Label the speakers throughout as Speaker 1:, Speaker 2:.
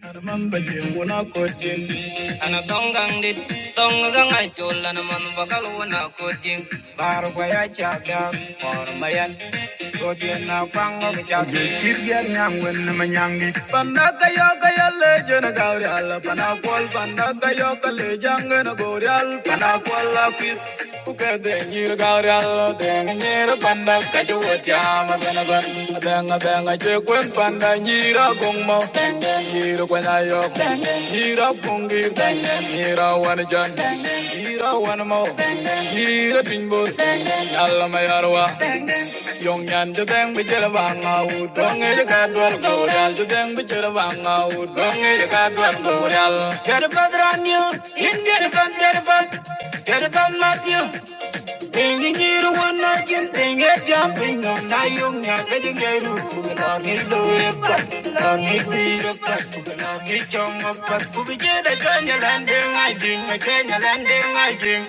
Speaker 1: I I remember you when I got him. And I don't gang did, don't gang I told, and a man baje wona kotin Ana tongang dit tonggang ay chola naman bakal wana kucing. baro ya chabya or mayan godien na kwango chabi kirgya nyangwen manyangi Panaka yoka ya leje na gaurial, panakwal panaka yoka lejanga na gorial, panakwal apis. Uke dengi gaurial, dengi ra panaka juwatia, madanagan, madanga danga chekwen panda nyira gongmo, dengi ra kwenya yok, dengi ra pungi, dengi ra wanajan, dengi ra wanmo, dengi ra tinbo, yalla mayarwa. Young yan ju deng bi jela bang out dong e ka dwar gorial ju deng bi jela bang out dong e ka dwar gorial Get a brother on you, in get a bun, get a bun, get a bun, Matthew. Tinginyiru wanakin tinge jumping on na yung ya kajingeru Kugalani loe pat, kugalani biro pat, kugalani chongo pat Kubijeda kanya landing I ding, a kanya landing I ding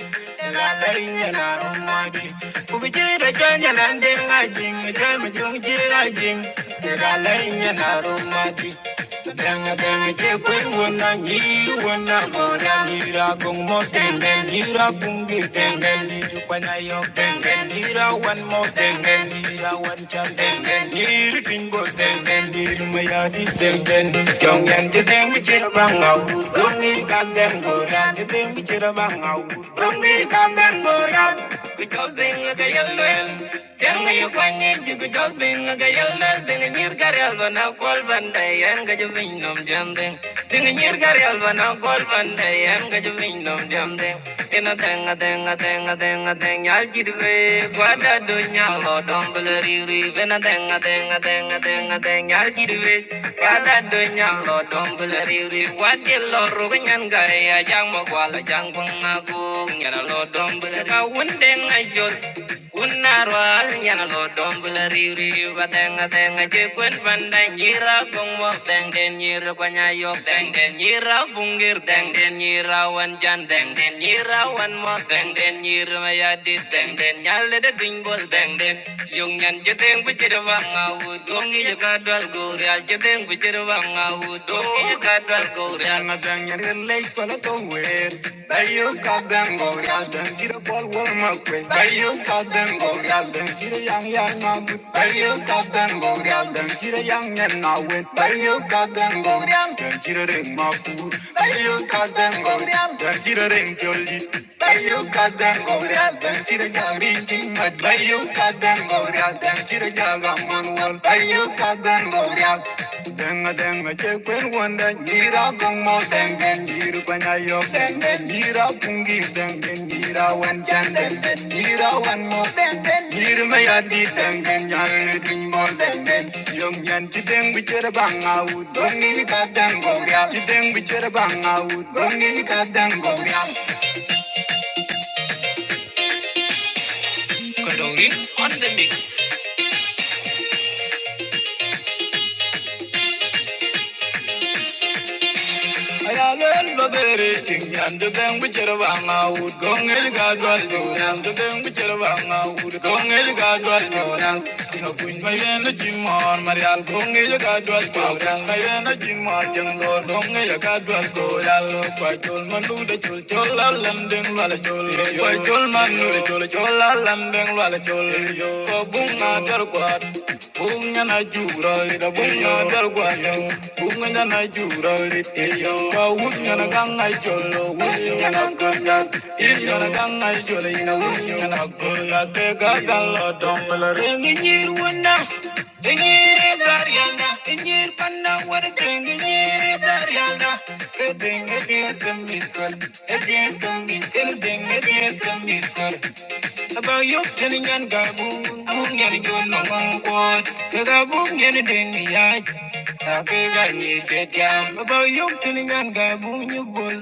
Speaker 1: Nalala inya narumagi Kubijeda kanya landing I ding, a jami jung jira ding Nalala inya narumagi Denga denga chepe wana ni wana gora nira gung mo denga nira bungi denga nira kwana yo denga nira one mo denga nira one chan denga nira denga kyong yang Janga yu jugu jol bing Aga Nyir gari alba na kwal banday Yan nom jam ding nyir gari alba na kwal banday Yan nom jam ding denga denga denga denga deng Nyal jidwe Gwada do nyal lo dombele riri Ina denga denga denga denga deng Nyal jidwe Gwada do nyal lo dombele riri Wadi lo ruganyan gaya Jang mo kwala jang pung aku Nyal lo dombele Kawun denga jol Unarwal nyalgo dombla riri batenga tenga chikwen pandan nyira kongwa deng den nyira kwanya yok deng den nyira bungir deng den nyira wan jan deng den nyira wan mo deng den nyira maya dit deng den nyale de bing bol den yung nyan jiteng bichira wanga dongi jaka dwal gurial jiteng bichira wanga u dongi jaka dwal gurial kadang yan gan lay pala to wer bayo kadang go gal dan kira bol wol ma kwe bayo kadang go gal dan kira yang yan ma bu bayo kadang go gal young kira yang yan na wen got them, go gal dan kira reng ma pu bayo kadang go gal dan kira reng pyol ji bayo kadang go gal dan kira jari ting mat bayo kadang go gal dan kira Yala manual ayo kaden gorial denga denga chekwen wanda nyira bungmo dengen nyiru banyayo dengen nyira bungi dengen nyira wan jan dengen nyira wan mo dengen nyiru mayadi dengen nyalu dingmo dengen yong yan chideng bichera banga ud bongi kaden gorial chideng bichera banga ud bongi kaden gorial Kodori on the mix. Ayalwel babere ting yandu beng bichero banga ud gong el gadwal do yandu beng bichero banga ud gong el gadwal do yang tino kun mayen jimon marial gong el gadwal do yang mayen jimon jeng dor gong el gadwal do yal kwa chol manu de chol chol la landeng wala chol kwa chol manu de chol chol la landeng wala chol ko bunga nanajura litabunya dargwayo bunga nanajura litiyo kawunya naganga jolo wunya naganga iriyo naganga jolo ina wunya naganga tega galo dombala ringir wuna ringir daryana ringir panna war ringir daryana ringir ringir tumbi tul ringir tumbi tul ringir tumbi tul about you telling yan ga boom boom yan jo no one quad the ga boom yan ding ya ta be ga ni te ya about you telling yan ga boom you bol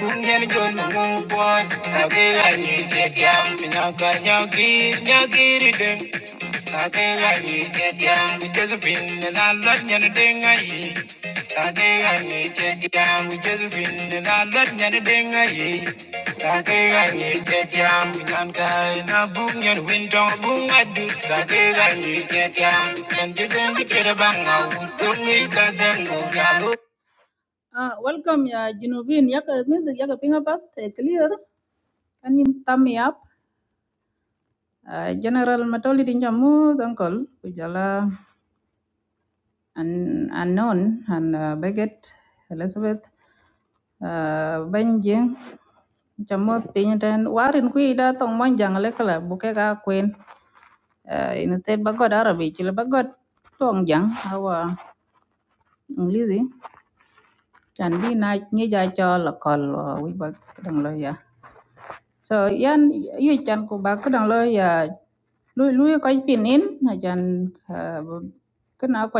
Speaker 1: boom yan jo no one quad ta be ga ni te ya na ga nya gi nya gi Sade gani tetia Michezubin na lot nyana dengayi Sade gani tetia Michezubin na lot nyana dengayi Sade gani tetia Minanka na bung nyan wintong bung adut Sade gani tetia Nanjudan bichera banga Utungi kadengu yalu Ah, welcome ya Junubin. Yaka music yaka ping up eh, clear. Can you thumb me up? Uh, General Matoli Dinjamu, Uncle Kujala and unknown and uh, Beckett Elizabeth uh, Benjing chamot piny ten warin kwi da tong mon jang le kala buke ka kwen uh, instead ba god arabi chile ba god tong jang awa english chan bi na nyi ja cho la kol uh, wi ba dang lo ya so yan yu chan ku ba kedang lo ya lu lu ko pinin na jan kena ko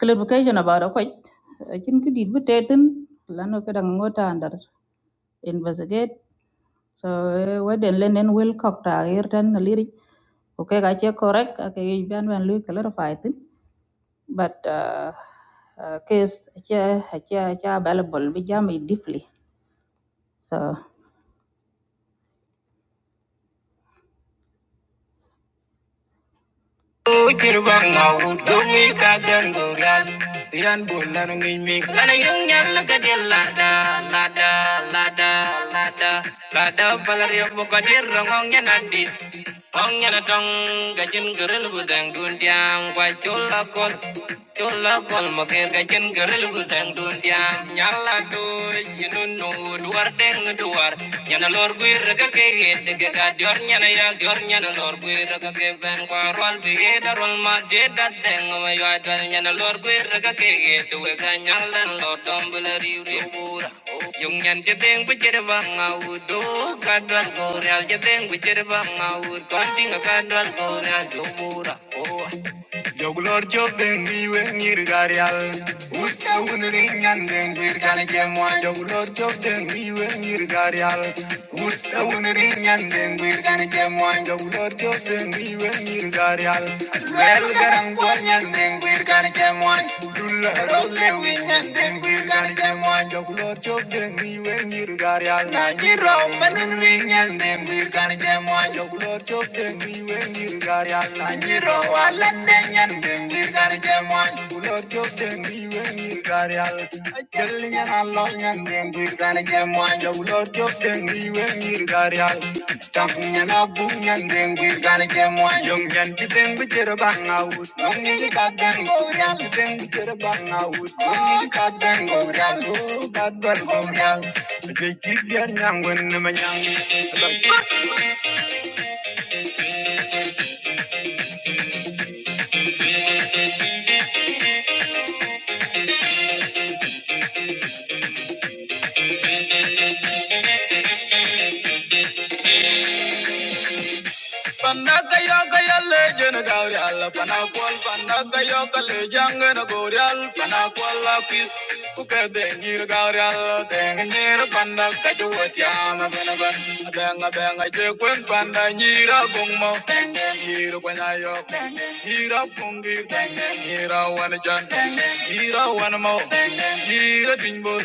Speaker 1: clarification about ko chin ki dit betetin lano kedang ngota andar investigate so waden lenen wel kok ta ir tan na lirik okay ga che correct ka ke ban ban lu clarify tin but uh, uh, case che che che available bi jam deeply so Uchir bang ngawut dungi kadan gurial Yan bulan ngimik Lana yung yan nakadir lada lada lada lada Lada balar yung mukadir adit Ong yan atong dundiang Wa chula kol chula kol dundiang Nyala tu jinunu duwar deng duwar nyana lor guir ga ke de ga ga dior nyana ya dior nyana lor guir ga ke ben kwa rol bi ge da rol ma de da deng ma dal nyana lor guir ga ke tu we ga nyala lor dom bla ri ri bura Yung nyan je deng bu je ba nga u do ka dwar go real je deng bu Joglor job den niwe ngir Uta unring and den gir gane gemwa. Joglor job den niwe ngir Uta unring and den gir gane gemwa. Joglor job niwe ngir Well garang kwan and den gir gane gemwa. Dulla rose wing and den gir gane gemwa. Joglor job den niwe ngir Nagi rom and ring and den gir gane gemwa. Joglor job niwe dengir gar yalla nyiro wala dengen dengir gar jemon ulo jog dengi wengir gar yalla ajel nyen allo nyen dengir gar jemon ja ulo jog dengi wengir gar yalla tam nyen abu nyen dengir gar jemon yong nyen ti dengu jero bang out nong ni ka den go yal dengu jero bang out nong ka den go yal go gadwar go yal Jai kis yar ma nyang Pandaka yoka ya legend of gaurial, panakwal pandaka yoka lejang na gaurial, panakwal lapis uka dengir gaurial, dengir pandaka juwat yama benaban, benga benga jekwen panda nyira gongmo, nyira kwenya yok, nyira pungi, nyira wanajan, nyira wanamo, nyira tingbur,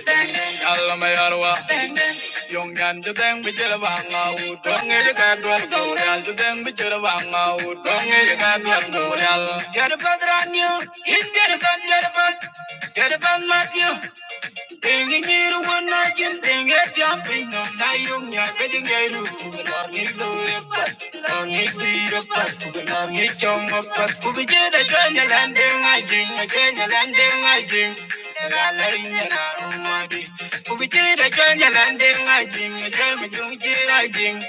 Speaker 1: yalla mayarwa, Young Yan Jadang Bijalabanga, Udong Edikan Duan Gaurial, Jadang Bijalabanga, Udong Edikan Duan Gaurial. Jadabad Ranyu, In Jadaban Jadaban, Jadaban Matthew, Tingin niru wanakin tinga jumping no na yung nya kajing yairu kubalami loe pat kubalami biro pat kubalami chongo pat kubijeda janya landing I ding janya landing I ding Rala inya narumadi kubijeda janya landing I ding jami jungji I ding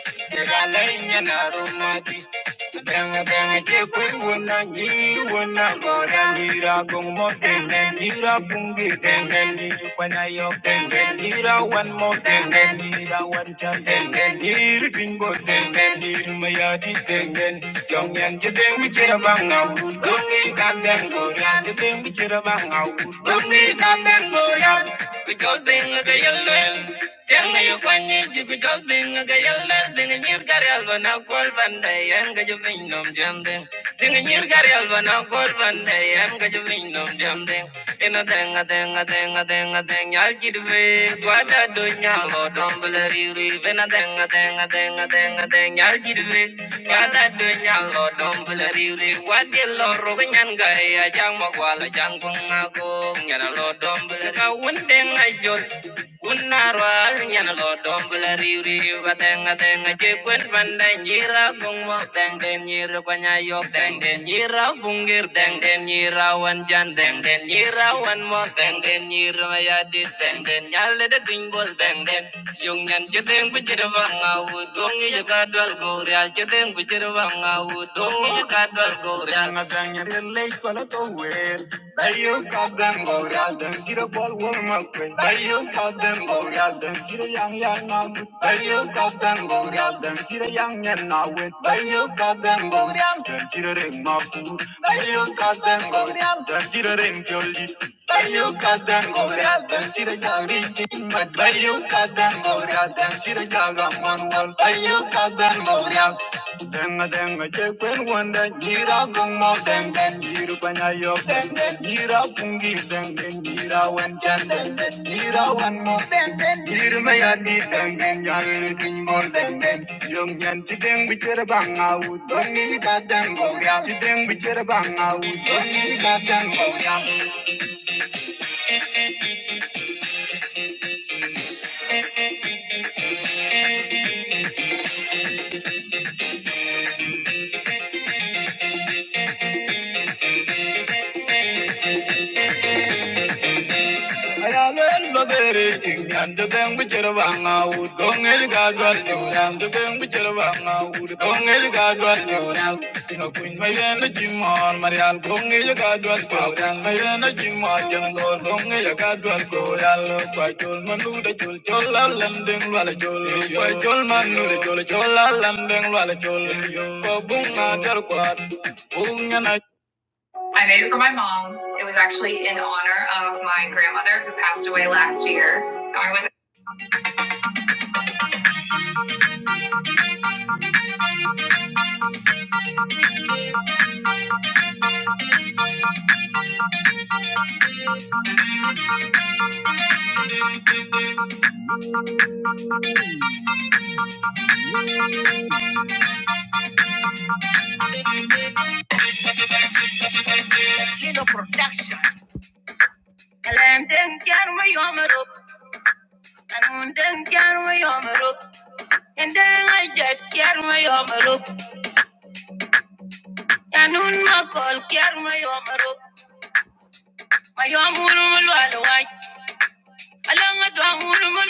Speaker 1: Rala inya narumadi Denga denga jepe wona ni wona gora nira gong mo denga nira bungi denga nira kwana yo denga one mo denga nira one chan denga bingo denga maya di denga yong yan je denga jera dongi kan denga gora je denga jera bang au dongi kan denga gora Kujol binga kajol duel, jenga yo nga yal mes ding nyir garyal ba lo dom bele ri ri ina deng a deng a lo dom bele ri ri gwa de lo ro lo dom bele ka wun Unarwa nyana lo dombla riuri batenga tenga jekwen panda nyira mung mo teng den nyira kwanya yo teng den nyira bungir teng den nyira wan jan teng den nyira wan mo teng den nyira maya di teng den nyale de ding bol teng den yung nyan jeteng bichir vanga u dongi gorial jeteng bichir vanga u dongi gorial Dañar el ley con la tower. Dayo kadam boral dan kira bol won makwe. Dayo kadam boral dan kira yang yang na. Dayo kadam boral dan kira yang yang na we. Dayo kadam boral dan kira reng mapur. Dayo kadam boral dan kira reng Bayukatan Govratan Sirajagri Kimbat Bayukatan Govratan Sirajagamon Wal Bayukatan Govratan Denga denga chekwen wanda jira gumo den den jiru panyayo den den jira pungi den den jira wan chan den den jira wan mo den den jiru mayadi den den jari tin mo den den yong yan ti den bichera banga u doni ka den goria ti den bichera banga u doni ka den goria Ayalen babere ting yan de beng bichero banga ud gong el gadwa ting yan de beng bichero banga ud gong el gadwa ting yan tino kuin mayen na jimon marial gong el gadwa ting yan mayen na jimon jangor gong el gadwa ting yan lo pa chol manu de chol chol la landing la la chol pa chol manu de chol chol la landing la la chol ko bunga dar kwat bunga na I made it for my mom. It was actually in honor of my grandmother who passed away last year. I was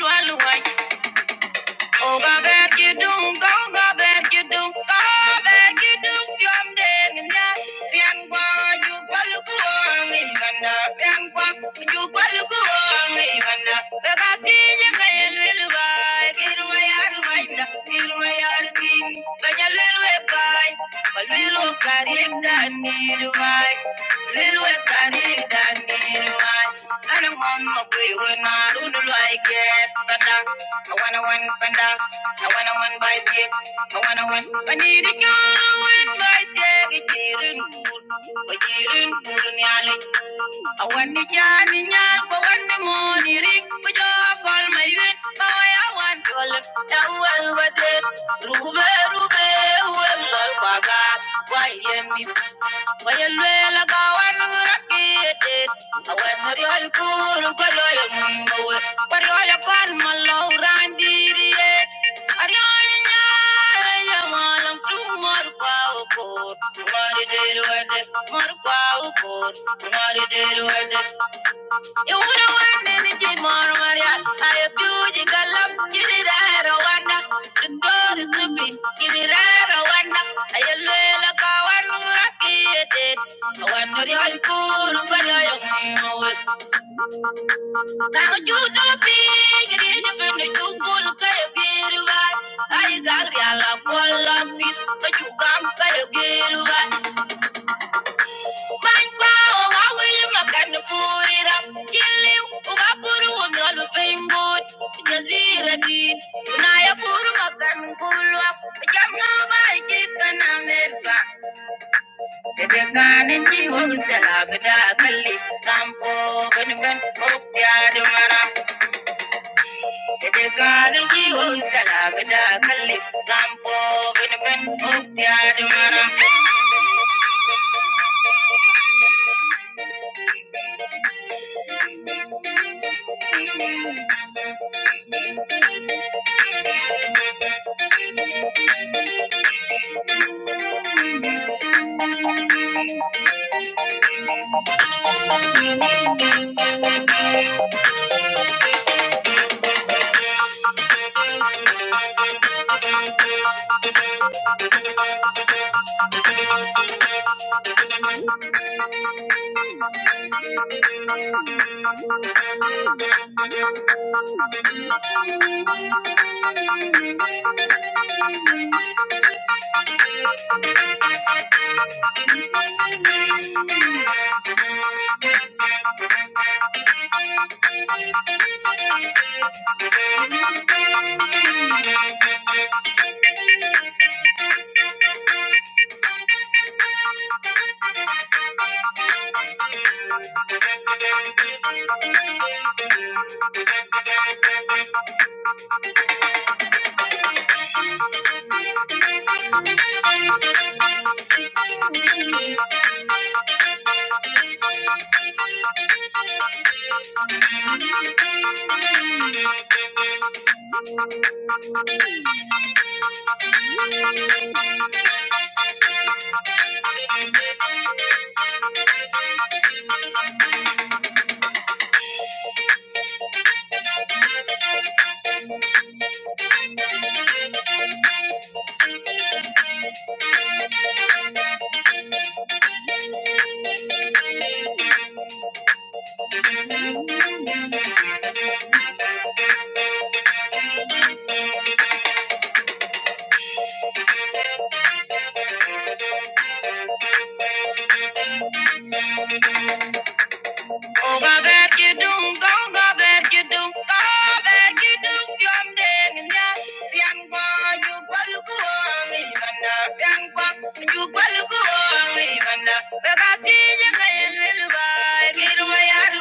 Speaker 1: my Oh, God, that you do, oh, God, that you do, God, that you do, I'm dead in that. Then why you follow go on, even up, then why you follow go on, even up. But I think you may a little by, get away out of my life, get away out of me. But you little by, but little by, it's done, need a right. Little by, it's done, need a right. I don't want my way when I don't like it. Panda, I wanna win, panda. I wanna win by tip. I wanna win. I need a girl, I win by tip. It's here in good. But here in good, I want the journey, yeah, but when the money ring, we just call my way. Boy, I want to live down well with it. Rube, rube, well, my baga. Why, yeah, me. Why, you well, I go and rock it. I want my yoy cool, but yoy, I'm good. But yoy, I'm my low, randy, yeah. I now you know big, it is different. You wanna play a game, right? I got the love for love, but you can't play a game, right? My power, I will make and put it up. Kill him, I put on the thing good. Nazira did. Now I put him up and pull up. I'm not my kid, and I'm Tete kane ni wonyi sela bida kali kampo bani ben ok ya di mana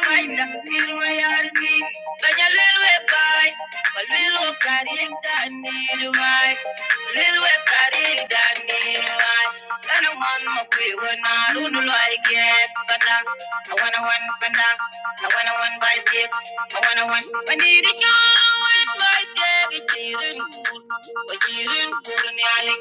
Speaker 1: Thank you. Linda, Nirwayardi, Banya Lilwe Kai, Balilwe Kari, Danirwai, Lilwe Kari, Danirwai, Lana Wan Makwe, Wana, Runu Loi Get, Panda, I wanna one Panda, I wanna one by Dick, I wanna one, panini, I want by Dick, Jirin Kur, Jirin Kur,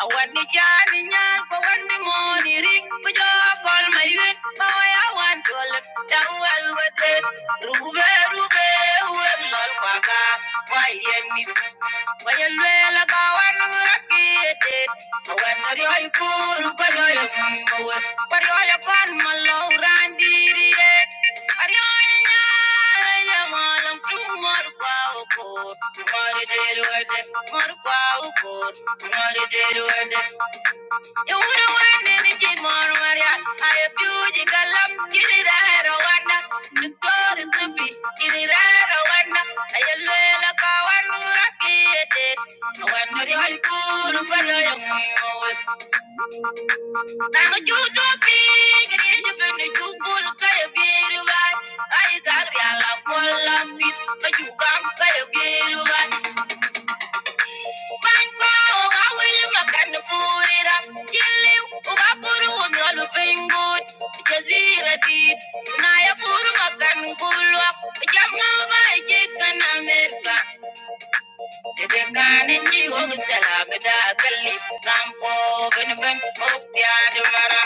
Speaker 1: I want the journey, I want the morning ring. Put your call my way. Power, I want to look down well with it. Rube, Rube, well, my waka. Why, yeah, me. Mari did it, you wanna win any more warrior. I have you the galam, get it out of Rwanda. The floor is the beat, get it out of I yell well, I call one lucky a I wonder if I I don't know it. Now you do be, get it, you bring the two bull, cut a beer, right? I got a lot of love, but you can't cut a beer, right? Bango, kawe makanapurira. Yelle, ukapuru ungalu pengut. Jazira deep, naya puru makankulwa. Jamu baje kanamerka. Tegane jigo salam da kalli. Kampo ben ben okyad mara.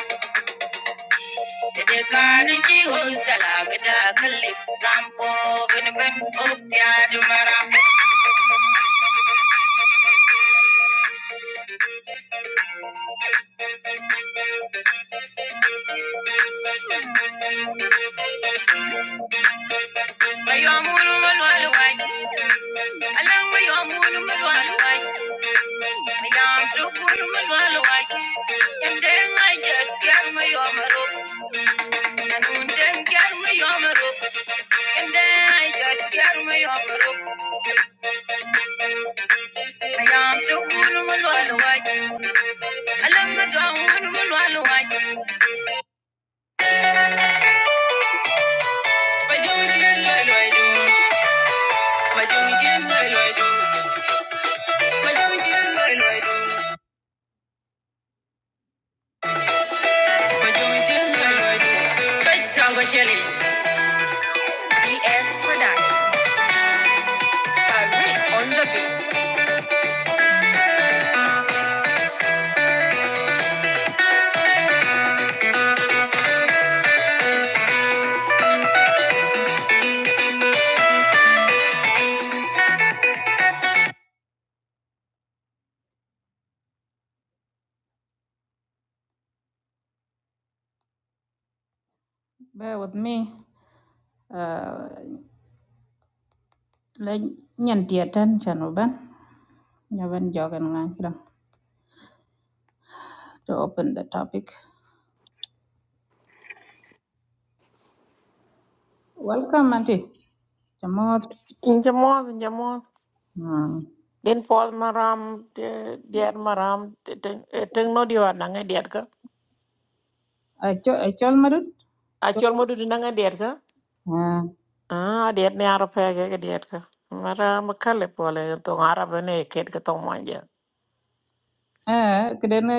Speaker 1: Tegane jigo salam da kalli. Kampo ben ben okyad mara. Mayomul malwalwai. Alang mayomul malwalwai. Bear with me. Uh, let nyan tiatan chano ban. Nyaban jogan ngan kira to open the topic. Welcome Auntie. Jamot.
Speaker 2: Inja mod, inja mod.
Speaker 1: Hmm.
Speaker 2: Din fol maram, de- diat maram, de- teng eh, teng no diwa nangai diat ka.
Speaker 1: Acho achol madut. Chol.
Speaker 2: Achol modu di nangai diat ka.
Speaker 1: Ah.
Speaker 2: Ah, diat ni Arab ya ke ke diat ka. Mara makale pole tong Arab ni ket ke tong manja.
Speaker 1: Eh kedene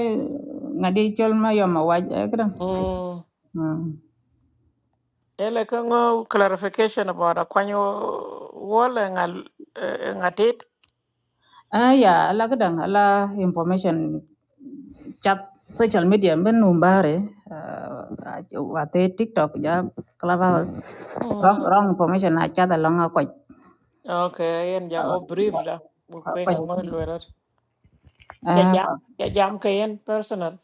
Speaker 1: ngadi chol ma yo ma waj eh kedang.
Speaker 2: Hmm.
Speaker 1: Hmm.
Speaker 2: Ele ka ngo clarification about akwanyo wole ngal eh, ngatit.
Speaker 1: Ah ya ala kedang ala information chat social media ben umbare uh, wate TikTok ja clubhouse wrong,
Speaker 2: Hmm.
Speaker 1: wrong information a chat along a quite
Speaker 2: Okay, yen ja
Speaker 1: uh,
Speaker 2: brief la. Bukwe
Speaker 1: quite
Speaker 2: ngo lwerat. Ja
Speaker 1: ah
Speaker 2: jam, ja jam ka yen personal.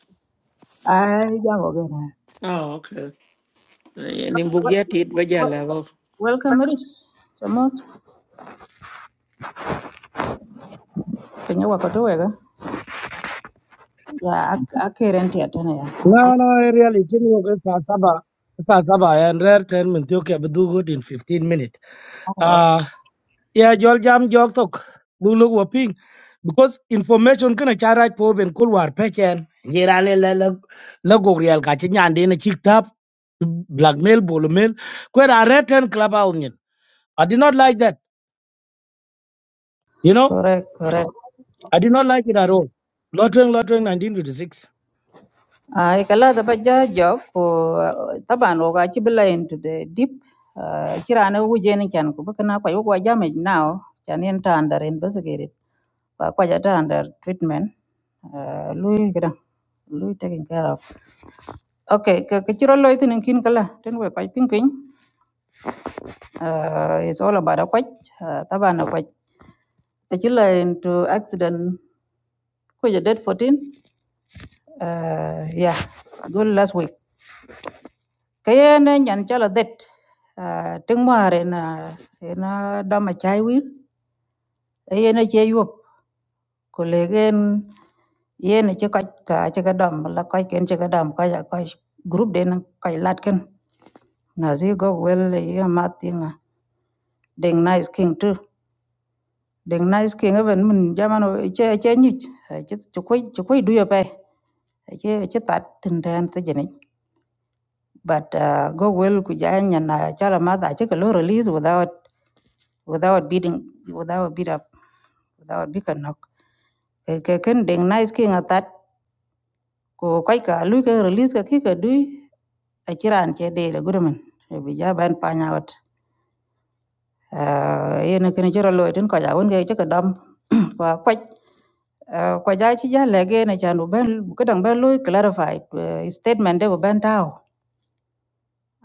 Speaker 1: ah ja go gena
Speaker 2: Oh, okay. Ni bugia tit ba
Speaker 1: Wel-
Speaker 2: jala go.
Speaker 1: Welcome rich chamot penye wako tu wega ya akeren tia tena ya
Speaker 3: No, no, really, it was saa saba. Saa saba, and rare ten minutes, okay, but do good in 15 minutes.
Speaker 1: Oh,
Speaker 3: Uh, yeah, jol jam jol tok. Bulu wa ping. Because information can kana chara po ben kul war pechen. Jira le le le le go real ka chi nyande a chik tap blackmail bolu mail. Kwer a rare ten club out nyin. I did not like that. You know,
Speaker 1: correct correct
Speaker 3: I did not like it at all. Lotwing, lotwing, 1956.
Speaker 1: ai kala da baja jog ko taban wo ga chibla into the deep ah, kirana wuje ni chan ko baka na kwa yo kwa now chan en under en basagere ba kwa jata under treatment Ah, lui kada lui taking care of okay ka ka chiro loy tinin kin kala ten we kwa ping ping Ah, it's all about a kwa taban a kwaj. Ajula into accident kuja date 14. Uh, yeah, agul last week. Kaya na nyan chala date. Uh, ting mare na na dama chai wir. Aye na che yop. Kolegen ye na che kaj ka che ka dam la kaj ken che ka dam kaj a kaj group de na kaj lat ken. Na zi go well ye mat tinga. Deng nice king too. Deng nice king even min jaman o che che nyuch. Che che koi che koi duya pe. Che che tat tin tan te jeni. But uh, go well kujanya na chala mother I take a low release without without beating without beat up without big knock. Ke ken ding nice king at that ko kai ka lu ke release ka ki ka du a chiran che de le gurman. Bi ja ban pa nya wat. Uh, yen ken chira lo tin ko ja won ke chaka dam kwa kwach Uh, kwa ja ci ja lege na chan u ben ko dang ben loy clarified uh, statement de ben taw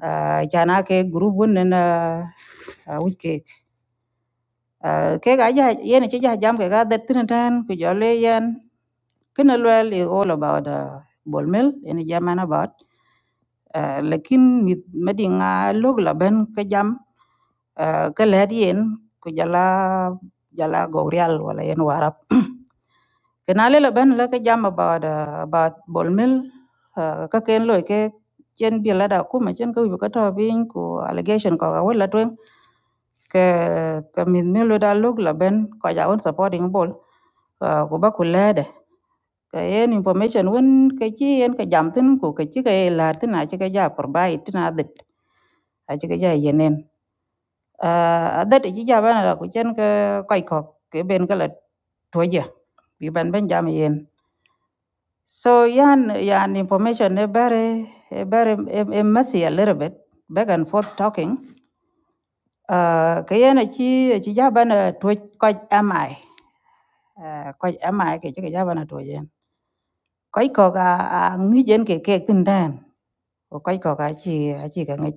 Speaker 1: uh, chana ke group won ne na uh, Ah, ke ga ja yen ci ja jam ke ga det tin tan ku jo le yen kena luel i all about uh, bol mil yen jaman about uh, lakin mit medi nga log la ben ke jam uh, ke led yen ku jala jala gorial wala yen warap kena le la ben la ke jam about uh, about bol mil uh, ka ken loy ke chen bi la da ku ma chen ku ka to bin ku allegation ko ga wala twen ke ke mit milo da luk la ben ko ja won supporting ball, ko ba ku lede ke yen information won ke chi yen ke jam tin ku ke chi ke la tin a chi ke ja por bai tin a dit a chi ke ja yenen a dit chi ja ban la ku chen ke koi ko ke ben ke la to ja bi ban ben jam yen so yan yan information e bare e bare e e messy a little bit back and forth talking uh ke yen chi chi ja ban to ko am AI ko ama ke ke jaba na toje ko ko ga ngi jen ke ke tin dan ko ko ko ga chi a chi ga ngi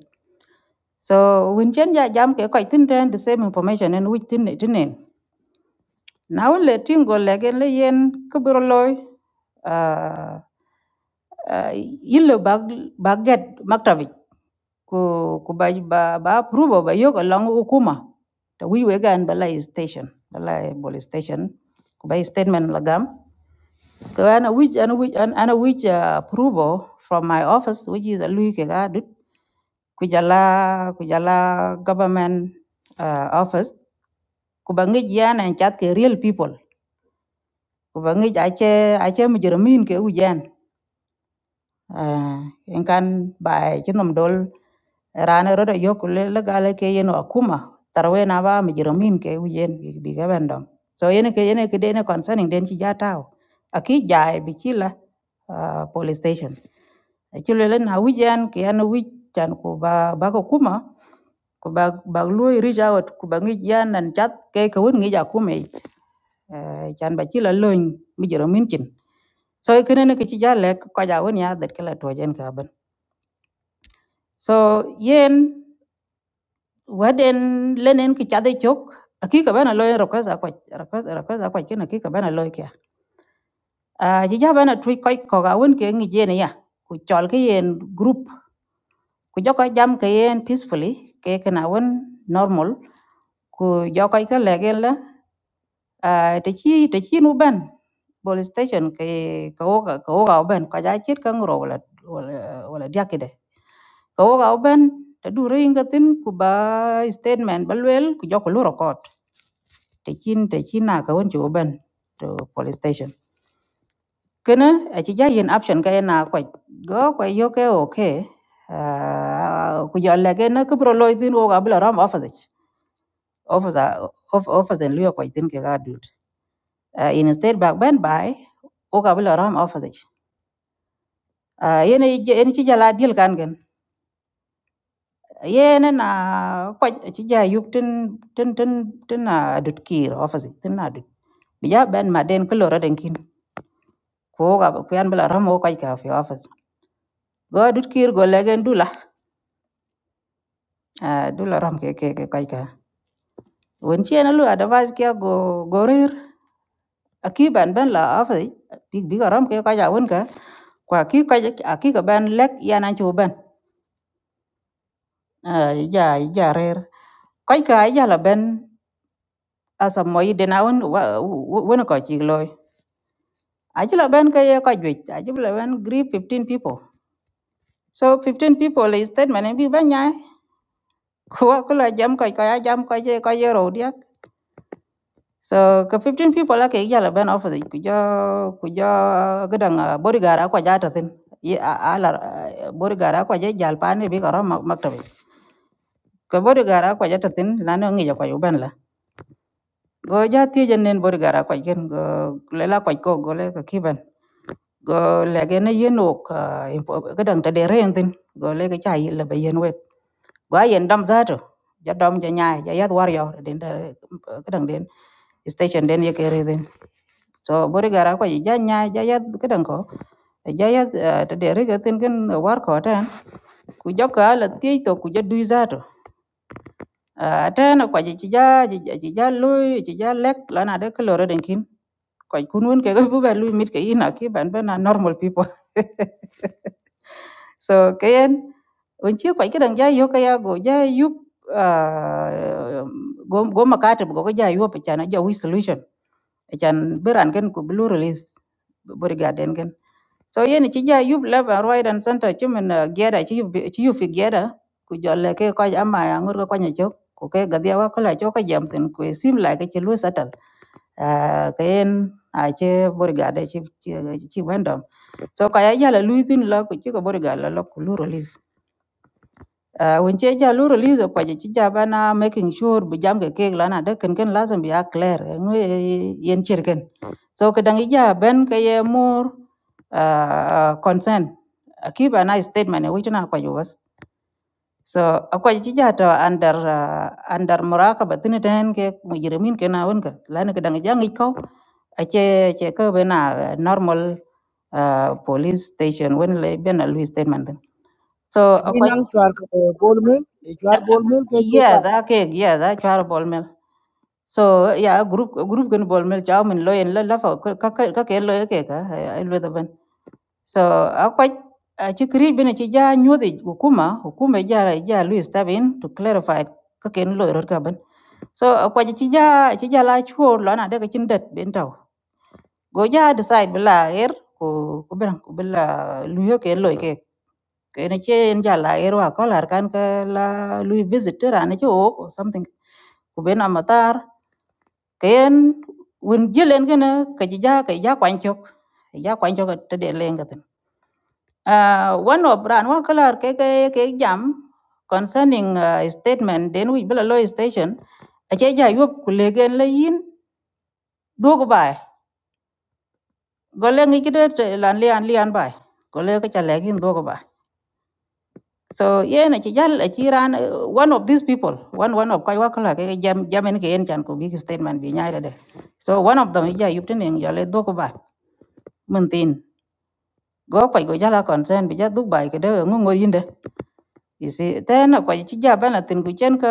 Speaker 1: so win chen ya jam ke ko tin dan the same information and which tin tin nen now le tin go le gen le yen ko bro loy ah yillo bag baget maktabi ko ko ba ba ba approve ba yo ko lang hukuma to wi we gan balai station balai police station ko ba statement lagam So and a which and a which and, and a which uh, approval from my office, which is a Louis Kegadut, Kujala Kujala government uh, office. Kubangi jan and chat ke real people. Kubangi ache ache mujuramin ke ujan. Ah, in kan bai kinum dol rana rodo yokule lagale ke yeno akuma tarwe na ba mi jiro min ke uyen bi bi ga bendom so yene ke yene ke dene concerning den ci jataw aki jaay bi ci la ah, police station ci le na wijan ke yana wij tan ko ba ba ko kuma ko ba ba loy reach out ko ba ngi yan nan chat ke ko won ngi ja kuma chan ba ci la loñ mi jiro min cin so kene ne ke ci jalle ko ja won ya dat kala to jen ka ban so yen waden lenen ki chade chok akika bana loy request akwa request request akwa kin akika bana loy kya a ji ja bana twi koy ko ga won ke ngi jene ya ku chol ke yen group ku joko jam ke yen peacefully ke kana won normal ku joko ke legen la a te chi te chi nu ban police station ke ko ga ko ga ban ka ja chit kan ro wala wala wala diakide Ka wo ka uben ta du ringa tin ku ba statement ba luel ku joko lu record te chin te chin na ka won chi uben to police station kena a chi ja yen option ka na kwa go kwa yo ke okay Ah, ku jo le ke na ku bro loy tin wo ka bla ram office ich. officer of- officer lu kwa tin ke ga dut Ah, in state back ben by wo ka bla ram office ich. Ah, yene yene chi jala deal kan gen Ye na na kwaj ci ja yub tin tin tin tin na dut kir office tin na dut bija ben ma den ko loro den kin ko ga ko yan bla ramo kwaj ka fi office go dut kir go legen dula Ah, dula ram ke ke ke kwaj ka won ci na lu advice ke go go rir aki ban ben la office big big ram ke kwaj a won ka kwa ki kwaj aki ga ben lek yana ci ben Ah, ja ja rir kwaj ka ja la ben asa moyi den a won won ko ci loy Achila ben ka ye ko jwit. Achila ben grip 15 people. So 15 people is statement and bi banya. Ko ko la jam ko ko ya jam ko je ko ye ro dia. So ka 15 people la ke yala ben office ku jo ku jo gadang ah, bodyguard ah, ko jata tin. Ye a- ala ah, bodyguard ah, ko je jal pa ne bi ko ro maktabe. Ko bodyguard ah, ko jata tin la no ngi ko ban ben go ja tijen nen bor gara kwa gen go lela kwa ko go le ka kiben go le gen yen ok ga dang ta de ren tin go le ga cha yi le ba yen wet go a yen dam za to ja dam ja nyai ja yat war yo den da ga dang den station den ye ke re den so bor gara kwa ja nyai ja yat ga dang ko ja yat eh, ta de re ga tin gen war ko tan ku jok ka la tiej to ku ja du za to à trên ko ji ci ja ji ja lu ji ja lek la na de ko loro den kin ko kun won ke go bu ba lu mit ke ina ki ban ba na normal people so kayen un ci ko kidan ja yo ka ya go ja yu ah, go go makate go ja yu pa chana ja wi solution e chan beran ken ko blue release bori gaden ken So yen ci ja yub leba right and center ci min gieda ci yub ci yub fi gieda ku jolle ke ko ama ya ngur ko kwanya jok ku ke gadia wa kala jok ka jam tin ku e sim la ke ci lu satal Ah, ka yen a ce borgade ci ci wendom so ka ya jala lu tin la ku ci ko borgala la lo ku lu release Uh, when che ja lu release ko je ci jaba na making sure bu jam ke kek lana de ken ken lazim bi clear ngwe yen chirken so ke dangi ja ben ke ye more uh, concern Eh, keep a nice statement eh, which na ko was so akwa ci ja to under uh, under muraqaba tin ten ke mujrimin ke na won ke lana ke dangi jangi ko ache che ke bena normal uh, police station when le bena lu statement din. so
Speaker 3: Aji
Speaker 1: akwa
Speaker 3: nang chwar bolu mail, chwar bolu mail ke
Speaker 1: yes okay yes I try ball mill so yeah group group can ball mill chào mình lôi lên là phải các cái các cái lôi cái cả ai lôi tập bên so à quite. à chỉ kiri bên chỉ ra nhu thì hukuma hukuma ra là Louis Tabin to clarify các cái lôi rồi cả bên so à quite chỉ ra chỉ ra là chua lo na đây cái chân đất tàu go ra decide bila air ko ko bên ko bila lôi cái lôi cái cái này chỉ ra là air wa có là cái cái là Louis visitor anh chứ ku ben amatar kayen wun jelen gene ka jija ka ja kwanchok ja kwanchok te de lengatin uh, one of brand wa kalar ke ke ke jam concerning uh, statement den wi bela law station a che ja yop ku legen le yin dog bai go le ngi kide te lan lian lian bai go le ka cha legin dog bai so ye na chi jal a chi ran uh, one of these people one one of kai wa kalar ke jam jam en ke en chan ko big statement bi nyaade de so one of them ja yup ten en ja le dog bai min tin go kwaj go jala consent bi ja duk bai ke de ngo ngor yinde isi tena kwaj ci ja bana tin gu chen ka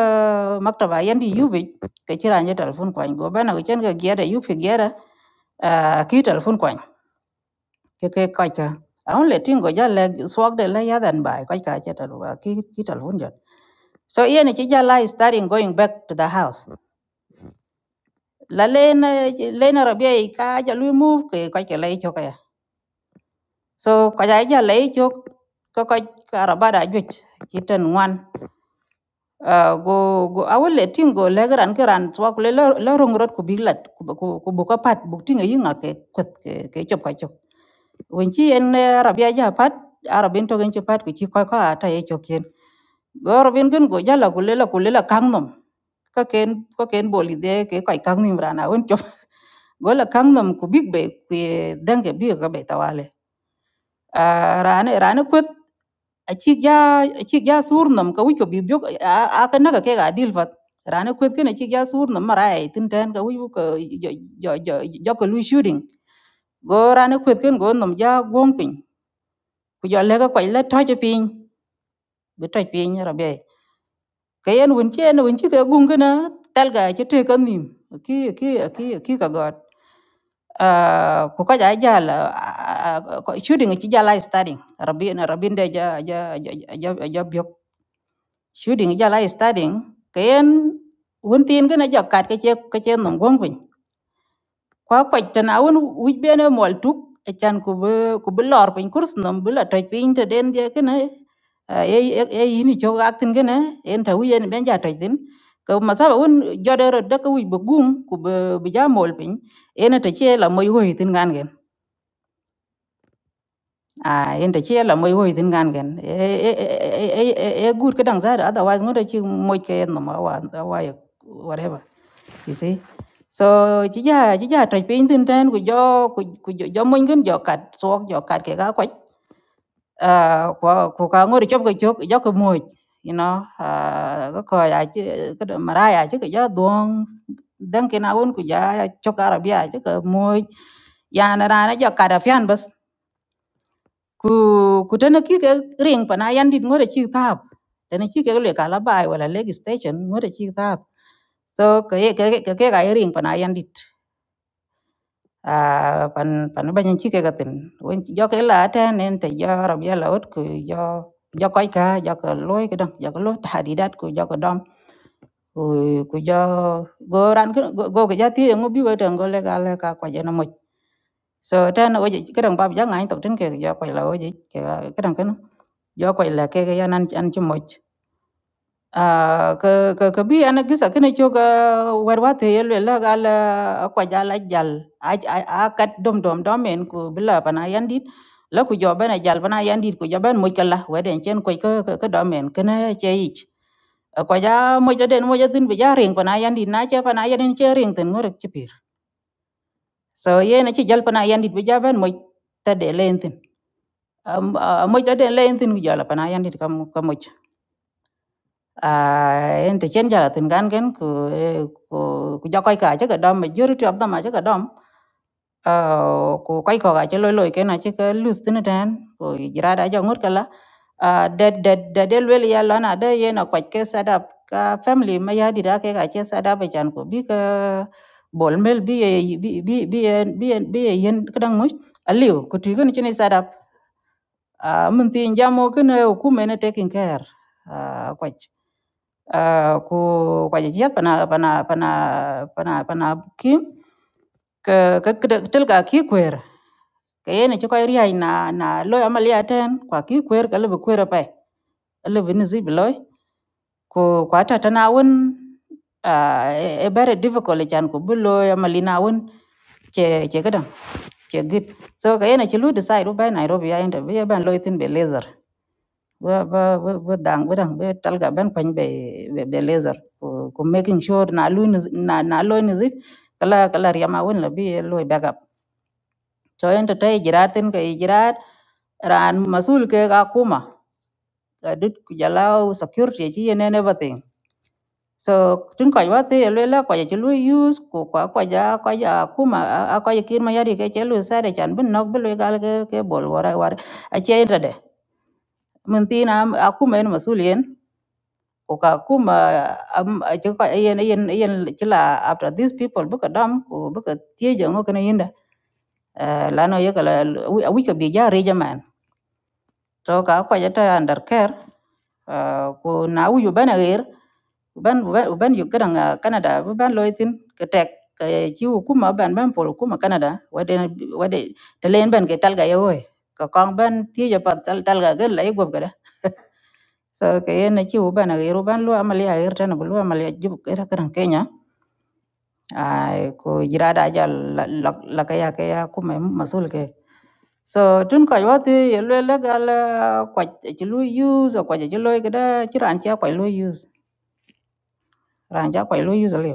Speaker 1: maktaba yandi yubi ke ci ranje telefon kwaj go bana gu chen ka giada yubi giada a ki telefon kwaj ke ke kwaj ka aun le tin go jala swag de la yadan bai kwaj ka che talu ki ki telefon jot so yen ci jala is starting going back to the house la len len rabia ka jalu move ke kwaj ke lai chokaya So kaja ija la ichok ko ko karabada ajuj chitan ngwan Ah, go go awole tingo legeran keran twa kule lo lo rongrot ku biglat ku ku ku buka pat buk tinga yinga ke kwet ke ke chop ka chop wenchi en eh, Arabia ja pat arabin to genchi pat ku chi ko ko ata e chok yen go robin gun go jala kule la kule la kangnom ka ken ko ken boli de ke kai kangnim rana won chop go la kangnom ku big be ku denge bi ga be tawale à, rana rana kwet achik ja achik ja sur nam ka wiko bibyo a ka naga ke ga dil fat rana kwet ken achik ja sur nam mara ai tin tan ka wiko ka jo jo jo jo ka lu shooting go rana kwet ken go nam ja gong pin ku jo le ka kwai la to je pin bi to pin ra be ka yen wun che na wun chi ka gung kana tal ga che te ka nim ki ki ki ki ka god Ah, ko kaja ai jal ah, ah, ko shooting ci jala ai studying rabbi na rabbi de ja ja ja ja ja bio shooting jala ai studying kayen won tin gana ja kat ke che ke che nom gong pin kwa kwa tana won wij bene mol tuk e chan ku be ku be lor pin kurs nom be la toj pin te den je kana e e yini cho aktin gana en ta wiyen ben ja toj tin ko masaba won jodero de ko wij be gum ku be be ja mol pin ena te che la moy hoy tin gan gen à enda che là mới hoy tin gan gen e e e e e e good kedang za otherwise ngode chi moy ke no ma wa wa whatever you see so chi ra, chi ra tra pin tin tan của jo của của jo jo moy gen cắt kat sok cắt cái ke ga à của của cả ngồi chụp cái chụp gió cái mùi you know à có coi à chứ cái đó mà ra à chứ cái gió đuông đăng cái nào cũng của gió chụp Arabia chứ cái mùi ya na ra nó gió cả đã phiền bớt ku ku tana ki ke ring pa na yan dit ngore chi tap tana chi ke le kala bai wala leg station ngore chi tap so ke ye- ke ke ke ga ring pa na yan dit a pan pan ba nyen chi ke ga tin won jo ke la ta nen te jo rob ya la ot ku jo jo koi ka jo ko loy ke dong jo ko lo ta di dat ku jo ko dom ku ku jo go ran go go ke ja ti ngo bi wa tang go le ga le ka kwa ja na mo so ten o ji kadang bab ja ngai tok ten ke ja kwai la o ji ke kadang kan jo kwai la ke ya nan an chi moch a ke ke ke bi an gisa kene cho ga war wa te yel la gal kwa ja la jal a a kat dom dom dom en ku ai pana yan dit la ku jo bana jal bana yan dit ku jo ben moch kala wa den chen ko ke ke dom cái kene che ich kwa ja moch da den moch da tin bi ja ring pana yan dit na che pana yan din che ring tin ngor chi pir so ye na chi jal pana yan dit bi ja ben moch ta de Am- ah, moc ade le en tin jala pana yan dit kam kam moc a en te chen jala tin gan gen ku ku ku jokoy ka che dom majority of them a che dom a ku koy ko ga che loy loy ken a che ka lose tin tan ku jira da jo ngur kala a de de de de wel ya la na de ye na kwat ke sadap ka family ma ya dira ke ga che sadap chan ku bi ka bol mel bi ye- bi bi bi ye- bi ye- bi ye yen kadang moc aliu ku tu gen chen sadap Ah, mun tin jamo kene hukume ne taking care ah, kwach Ah, ku kwajajiat pana pana pana pana pana kim ke ke ke- tel ka ki kwer ke yene ci koy riyaj na na loy amaliya ten kwa ki kwer ka lebe kwer pay lebe ni zib loy ko kwa tata na won ah, e e very difficult chan ko bulo amalina won che che gadan che git so ke yene ci lu decide bay nairobi ya interview ban loy tin be laser wa wa wa wa dang wa dang be talga ban pan be be, be laser ko, ko making sure na lu ni- na na lo ni zit kala kala yama won la bi lo backup to enta tay jiratin ka jirat ran masul ke ga kuma ga dut ku jalaw security ji ne ne batin so tun ko wa te le la ko ji lu use ko ko ko ja ko ja kuma a ko ji kirma yari ke chelu sare chan bin nok bi le gal ke ke bol wara war a che enta de mun tin a kuma en masul kuka kuma am ci ko ayen ayen ayen ci la after these people buka dam ko buka tieje ngo kana yinda Eh, lano yaka la wi ka bi ja reja man to ka ko jata under care eh, ko na wi bana ger ban ban ban yu kadang ah, canada bu ban loitin ka tek ka ci kuma ban ban pol kuma canada wade wade te len ban ke talga yoy ka kong ban tieje pa tal talga gel la yego gada So kayene chi ubana gairu ban lu amal ya gair tana bulu amal ya jub gaira karan Kenya ay ko jirada ja la la la kaya kaya kuma masul ke so tun ko yoti yelwe legal ko chi lu use ko chi lu gada chi ran cha ko lu use ran cha ko lu use le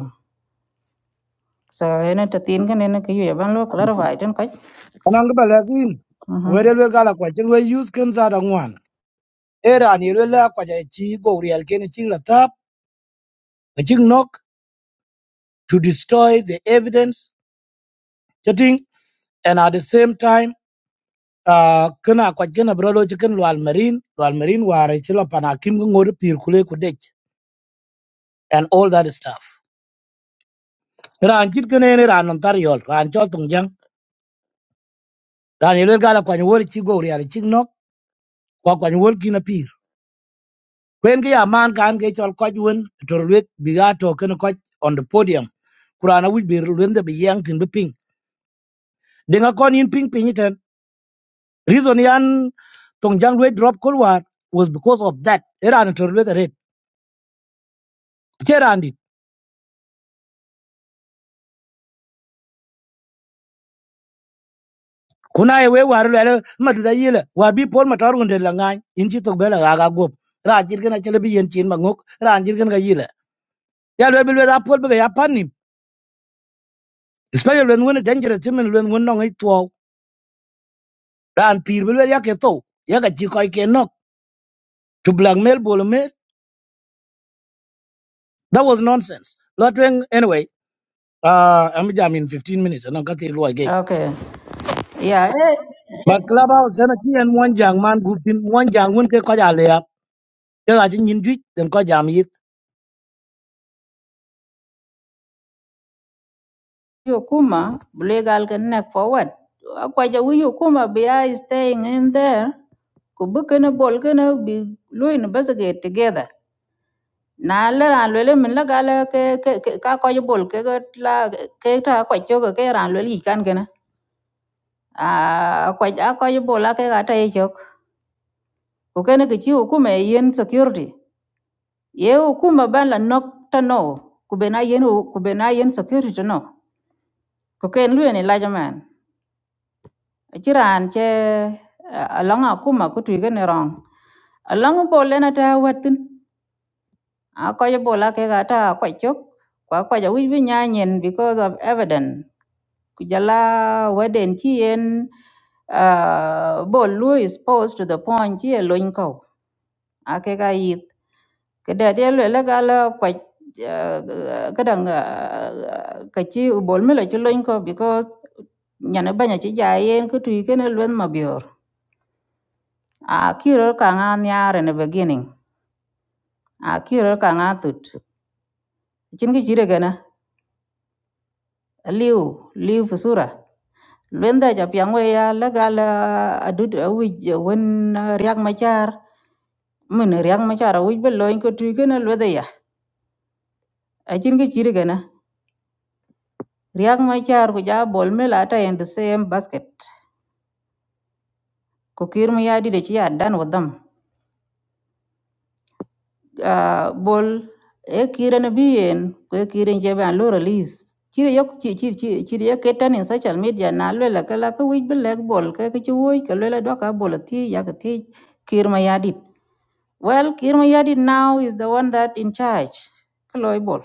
Speaker 1: so ene tatin kan ene ke yu ban lu clarify tun ko
Speaker 3: anang ba la kin
Speaker 1: mhm
Speaker 3: were le gala kwa chen we use ken za da ngwan era ni le la kwa ja chi go real ken chi la tap a chi knock to destroy the evidence chatting and at the same time uh kana kwa gena bro lo chi ken lwal marine lwal marine ware chi la pana kim go ngor pir kule ku dech and all that stuff ran chit ken ne ran on tar yol ran chol tung jang ran ni le gala kwa ni wor chi go real chi knock kwa kwa ni wor kin a pir. kwen ke ya man kan ke chol koch wen to lwet biga to ken koch on the podium kurana wij bir lwen de biyang tin be ping denga kon in ping ping iten reason yan tong jang lwe drop kolwar was because of that era to lwet red cherandi kuna ye we war lwe maduda yele war bi pol matar gunde la in chi tok bela ga gop ra jir gena chele bi yen chin mangok ra jir gena yele ya lwe bi lwe da pol be ya panim especially when when dangerous timen lwen when no ngi tuo ran pir bi lwe ya ke to ya ga chi koy ke nok to blackmail Bolome, that was nonsense. Lotwing, anyway, uh, I'm jam in 15 minutes, and I got the law again.
Speaker 1: okay yeah eh
Speaker 3: But clubhouse, and and one young man, good thing, one young one, get quite a layup. Tell I think in tweet, then quite jam eat.
Speaker 1: Yukuma, Blegal connect forward. Akwaja wi Yukuma be I staying in there. Kubukana Bolgana be Lu investigate together. Na la ran lwele min la gala ke ke ke- ka kwaja bol ke ga la ke ta kwacho ke ke ran lwele ikan gana. A kwaja kwaja bol la ke ga ta yechok. Kukene ke ne ke chi Yukuma e yen security. Ye Yukuma ban la nok ta no. Kubena yen kubena yen security to no. Kuken lwene la jaman. ci raan ce along akuma ku twigene rong along bol lena ta watin a ko je bola ke ga ta ko chok kwa ko ja wi bi nya nyen because of evidence ku jala weden ci yen uh, bol lu is posed to the point ci loin ko a ke ga yit ke da de le la ga la ko ka dang ka ci bol me la ci loin ko because nyane banya ci ja yen ku twigene lwen mabior A kirə kaŋa nyarə na beginning a kirə kaŋa tut cinki cirə kənə liwu liwu fusura lunda ja piyaŋgoya la gal adud a wuj wen riyak machar min riyak machar a wuj ba lony kotui kənə lwedhiya acinki cirə kənə riyak machar kuja bol mela ata in the same basket ko kir miyadit aci ya dan wudam. Ah, bol e kire na biyen kwe kire nje ban lo release chire yok chi chi chi chire yok ketan in social media na lo la kala ka wij black bol ka ka chi woi ka lo la do ka bol ti ya ka ti kir ma yadit well kir ma yadit now is the one that in charge ka loy bol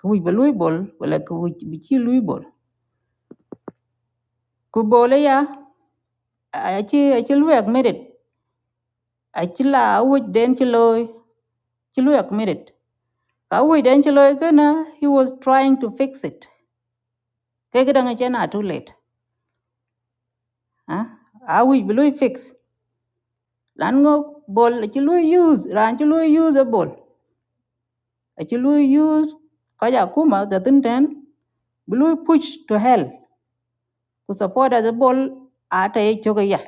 Speaker 1: ka wij ba loy bol wala ka wij bi chi loy bol ku bol e ya a chi a chi lo yak merit a chi la wij den chi loy chi lo yak merit ka wij den chi loy ka na he was trying to fix it ke ke danga chena too late ha a wi bi fix lan ngo bol ci lui use ran ci lui use a bol ci lui use ko ja kuma da tin ten bi lui push to hell ku support as a bol a ta ye choga ya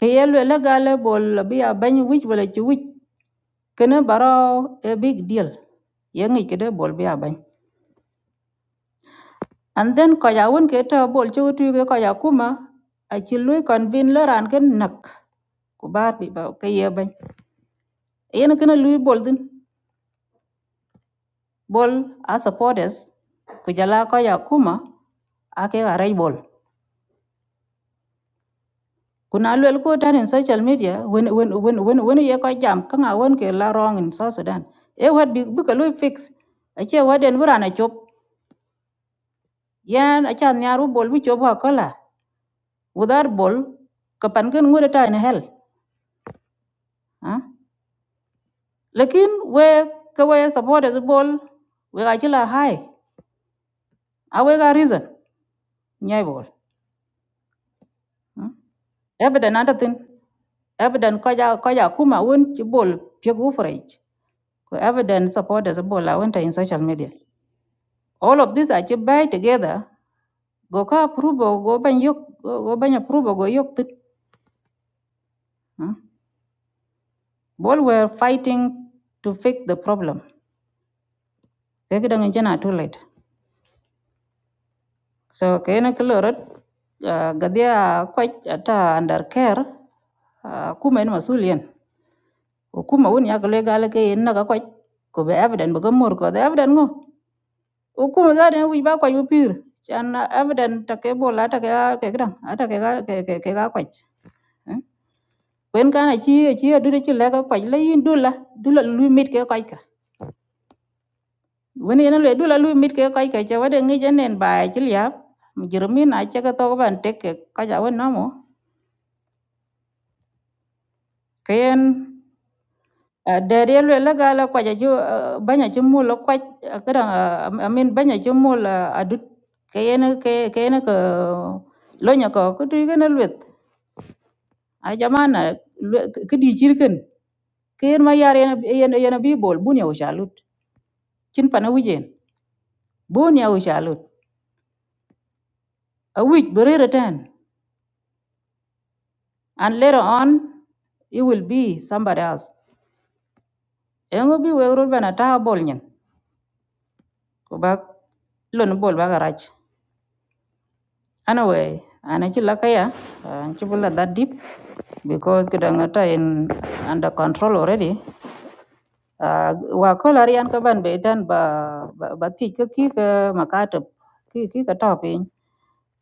Speaker 1: ke ye le la gale bol la bi a ban wich wala ci wich kene baro a big deal ye ngi ke de bol bi a ban and then ko ja won ke ta bol ci tu ke ko ja kuma a ci lui convene le ran ken nak ku bar bi ba ke ye ban yen kene lui bol din bol a supporters ku jala ko ya kuma a ke ga rai bol kuna lwel ko tan in social media when when when when when ye ko jam ka nga won ke la wrong in south sudan e wat bi bi ka lui fix a che waden bura na chop yan a chan nyaru bol bi chop ha kola without bol ka pan ken ngure ta in hell ha lekin we ka we supporters bol we ga chila hai a we ga reason nyai bol evident adatin evident koja koja kuma won chibol piegu forage ko evident supporters bola went in social media all of these are buy together go ka approve go ban yok go ban approve go yok tin hmm? bol were fighting to fix the problem ke gidan jana too late so ke na klorot gadia quite, ata under care ah, kuma in masulian ko kuma won ya gale gale ke en na ka kwaj ko be evident be gamor ko the evident ngo ukuma zaadi en wic ba kuac bipir can evident take bol a take a ke kidaŋ a take ka ke ke ke ka kuac wen kan aci aci adudo ci leka kuac la ga kwa le yin dul la dul la lui mit ke kuac ka wen yena lue dul la lui mit ke kuac ka ca wede ŋic enen baai ci liap mujirimin a ceke thok ban tek ke kuac a wen nomo keyen dɛɛr ye lue la gaa la kuac aci banya ci mul la kuac kidaŋ amin banya ci mul adut keyen keyen ke lonya ko kutu kene luet a jamana lwe- k- kidi jirgen ken ma yar yana yana yana bi bol bunya o shalut chin pana wijen bunya o shalut a wij berere ten and later on it will be somebody else engo bi we ro bana ta bol nyen ko ba lon bol ba garach anyway ana chi lakaya an chi bula that deep because kidanga ta in under control already Ah, wa kol arian ka ban be tan ba ba ba ti ka ki ka makatib ki ki ka to piny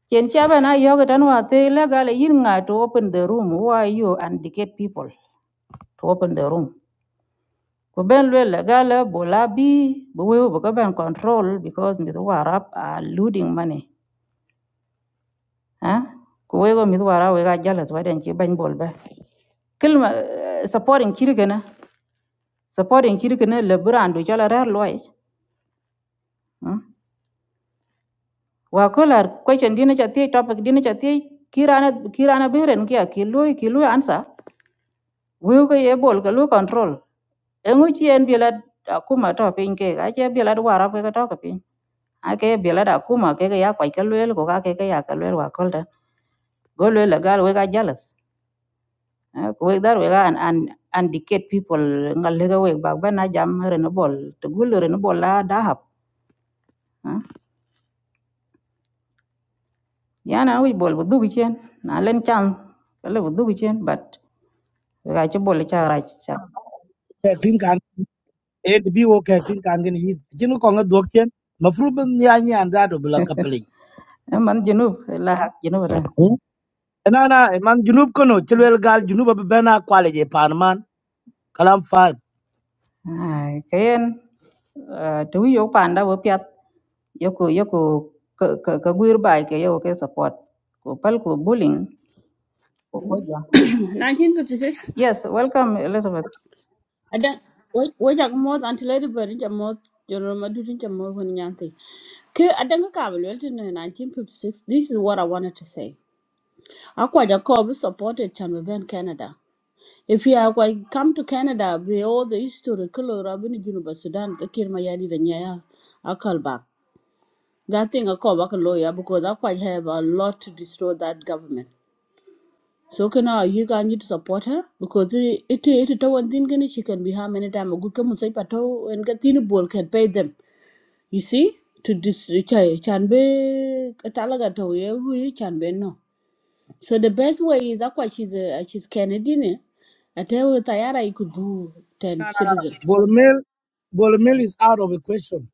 Speaker 1: chen cha ban a yoga tan wa te la gale yin nga to open the room Why you and get people to open the room ko ben le la gale bola bi bo we bo ka ban control because mi wa rap a looting money ha ko we go mi wa ra we ga jala to den chi ban bol ba kilma supporting kirgana supporting kirgana le brand do jala rar loy وكولر question dina cha tie topic dina cha tie kirana kirana beren kia kilui kilui ansa wiu ke ye bol ke lu control engu chi en biela akuma to pin ke ga che biela wara ke to ke pin a ke biela da ke ya kwai ke luel ko ka ke ya ke luel wa kolda go luel la gal we ga jealous Eh, ko we dar we ga an an an dictate people ngal le ga we ba ba na jam re no bol to gul re no bol la da hap Eh, yana wi bol bu dugi chen na len chan le bu dugi chen but ga ci bol ci ra ci
Speaker 3: I think I'm eight be okay, I think I'm going to eat. You know, Konga Dokian, Mafruben Yanya and that will be like a pelling.
Speaker 1: ca man junub la hak junub da
Speaker 3: And Anna, a man Junub Kono, Chilwell Gal, Junuba Bena, quality Panman, Kalam Far,
Speaker 1: ai kayen to yo panda wo piat yoko yoko ka ka ka guir bai ke yo ke support ko pal ko bullying ko koja yes welcome elizabeth
Speaker 3: Bolomel, Bolomel is out of the question.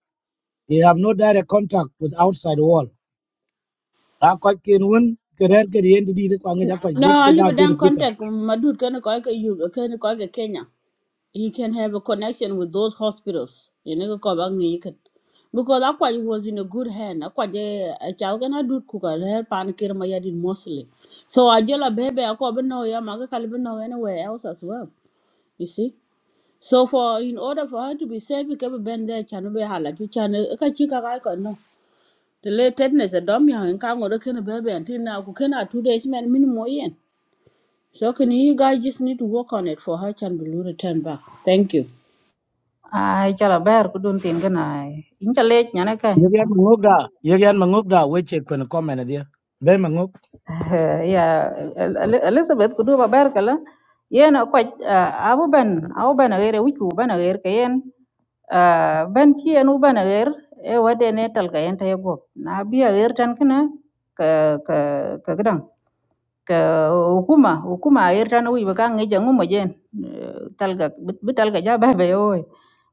Speaker 3: They have no direct contact with outside world. a ko ken won ke rer ke yen di di ko ngi ko go ke ga bir bitan
Speaker 1: ai chala ber ku dun tin gana in chale nyane kai
Speaker 3: ye yan mangok da ye yan mangok da we che ko ko men dia be mangok
Speaker 1: ya El- El- elizabeth kudu ba berkala yen kwaj abu ben abu ben agere wiku ben agere kayen ah, ben ci yen u ben agere e wade ne tal kayen ta yego na bi agere tan kana ka ka ka gidan ka hukuma hukuma agere tan wi ba kan ngeja ngumo jen eh, talga bi talga ja ba be oy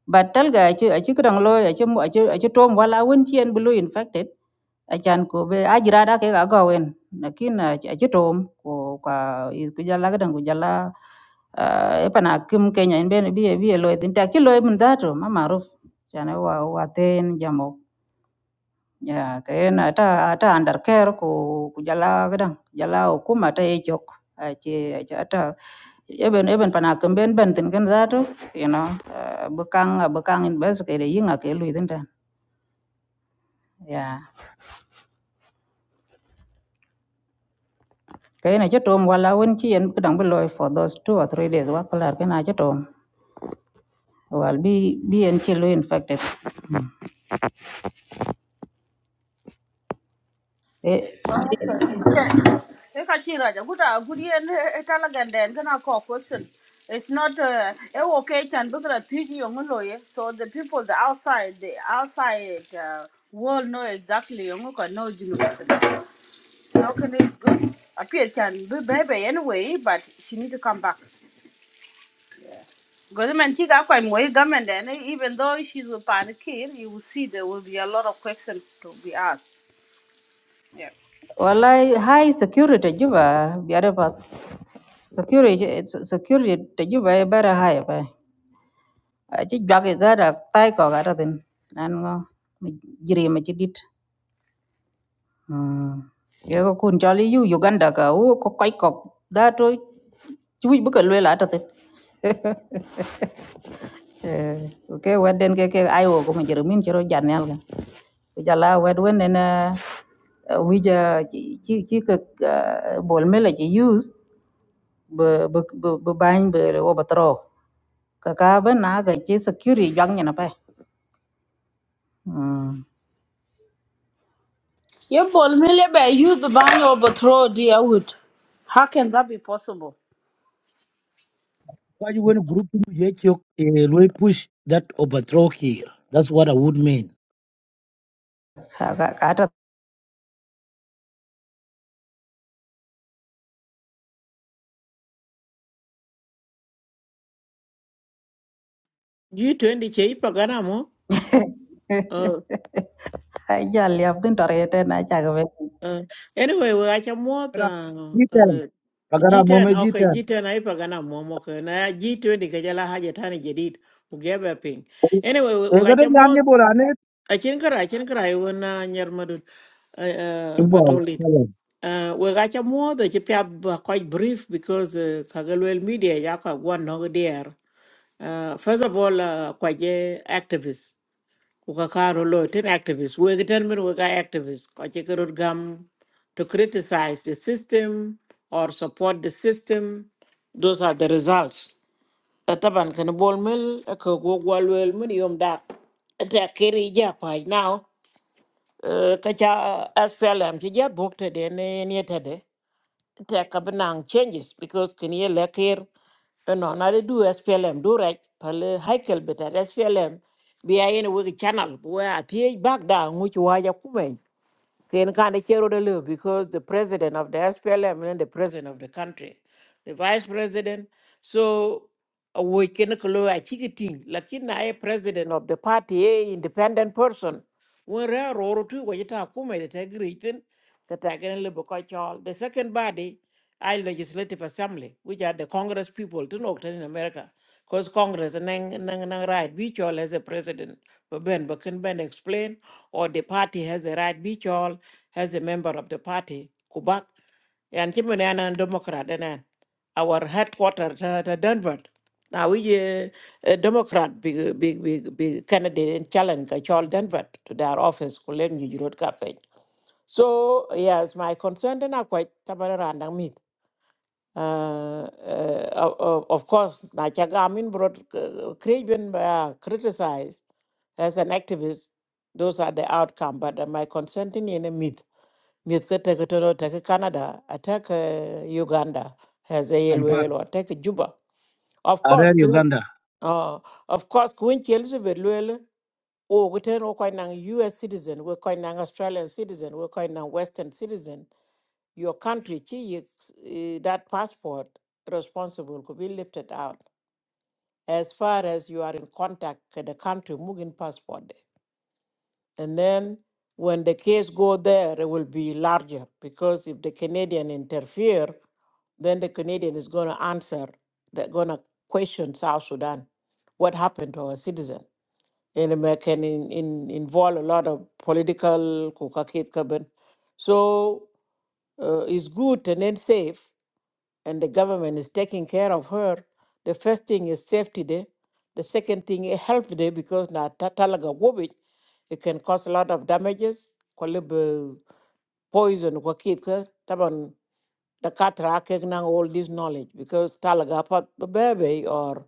Speaker 1: ba talga ci ci gidan lo ci mu ci tom wala won ci yen blue infected acan ko be ajira da ke ga gawen lakin eh, a ci tom ko ka ku jalla ga dan ku jalla e pana kim kenya in bene biye biye loy tin ta ki loy mun da to ma maruf jana wa wa ten jamo ya ke na ta ta under care ko ku jalla ga dan jalla ko ma ta e jok a ci a ci ta eben eben pana kim ben ben tin gan za to you know bekang bekang in bes ke de yinga ke loy tin ta ya Kaya na chatom wala wen chi en kedang beloy for those two or three days wa kelar kena chatom. Wal bi bi en chi lo infected. Eh, wala high security juba biada pa security it's- security te juba e bara high pa. Aji jwa ke zara tai ko gara tin nan ngo mi jiri mi chidit. Hmm. Ye ko kun chali yu Uganda ka u ko koi ko da to chui bu ka lwe la ta tin. Eh, ke waden ke ke ayo ko mi jiri min chiro janel ka. Bây giờ là quét quên nên bây giờ chỉ chỉ chỉ cái bol mê là chỉ use bờ bờ bờ bờ bánh bờ ô bát rau cái cả bên nào cái chỉ security giăng như nó phải
Speaker 3: ko ju won group ni je chok e loy push that overthrow here that's what i would mean
Speaker 1: cả cả cả đó
Speaker 2: G20 che ipagana mo. Oh,
Speaker 1: thấy giờ liệp tin tờ rệt này chả cái về
Speaker 2: Uh, anyway, we acha mo
Speaker 3: Kana
Speaker 2: uh,
Speaker 3: jitan
Speaker 2: uh,
Speaker 3: pagara mo me
Speaker 2: G10. Okay,
Speaker 3: jitan
Speaker 2: G10 aipagana mo mo ko na G20 ka jala haja tani jadid. Ugebe ping. Anyway, we we
Speaker 3: e ga de
Speaker 2: acha
Speaker 3: yan
Speaker 2: mo
Speaker 3: ni borane
Speaker 2: achin kara achin kara iwana nyar madud uh, uh,
Speaker 3: bo
Speaker 2: matolid. Uh, we acha mo the chipya quite brief because uh, kagalwel media yaka one no there. Uh, first of all, uh, kwaje activists. Uka karo lo ten activists. We ten men we activists. Kache karot gam to criticize the system or support the system. Those are the results. Taban kan bol mel ko go gwalwel mun yom dak. Ta kiri ja pa now. Kacha SPLM ki ja bokte de ne ne tade take up nang changes because can you like here you know now they do SPLM do right pale haikel better SPLM be I in a wiki channel where a th back down which why you come Ken kind of chero de lu because the president of the SPLM and the president of the country, the vice president. So uh, we can kolo a chikiting, lakin na a president of the party, a independent person. When rare or two we wajita kuma the tagritin, the tagan libokochol. The second body, I legislative assembly, which are the Congress people to know in America. Because Congress and nang nang nang right, which all as a president, but Ben but can Ben explain or the party has a right beach all as a member of the party, Kubak, and Chimunana and Democrat, and then our headquarters at Denver. Now we uh, a Democrat, big, big, big, big candidate and challenge, I call Denver to their office, Kulen, you wrote campaign. So, yes, my concern then are quite tabarandang meet. Uh, uh, of, of of course, Nachagamin brought Kriben uh, criticized as an activist. Those are the outcome, but uh, my concern in a myth miet ka tek toro tek Canada, attack uh, Uganda has a
Speaker 3: kampala
Speaker 2: yelwel or attack Juba. Of course,
Speaker 3: are
Speaker 2: too,
Speaker 3: uganda
Speaker 2: uh, of course, Queen Elizabeth Luel, oh, we turn all kind of US citizen, we're kind of Australian citizen, we're kind of Western citizen. Your country, chi yi- eh, that passport responsible could be lifted out as far as you are in contact with the country, Mugin passport. And then when the case go there, it will be larger because if the Canadian interfere, then the Canadian is going to answer, they're going to question South Sudan, what happened to our citizen. And it may- can in, in, involve a lot of political, kukakit kaben. so uh, it's good and then safe and the government is taking care of her, the first thing is safety day. The second thing is health day because na ta- talaga wobit, it can cause a lot of damages, kolibu poison kwa kids, taban the katra nang all this knowledge because talaga pat the baby or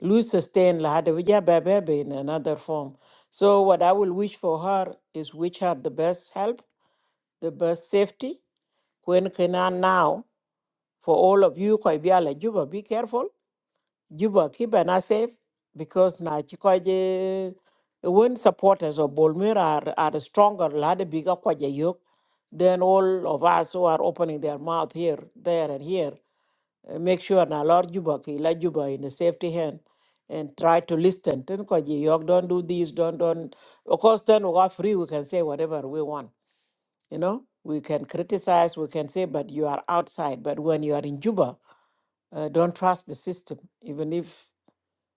Speaker 2: lose sustain la hada wija baby in another form. So what I will wish for her is wish her the best health, the best safety. When can now? For all of you, Koibiala Juba, be careful. Juba, keep an eye safe because na chikoje when supporters of Bolmir are, are stronger, lada bigger kwaje yok, then all of us who are opening their mouth here, there, and here, eh, make sure na Lord Juba, ki la Juba in a safety hand and try to listen. Then kwaje yok, don't do this, don't, don't. Of course, then we are free, we can say whatever we want, you know. We can criticize, we can say, but you are outside. But when you are in Juba, uh, don't trust the system, even if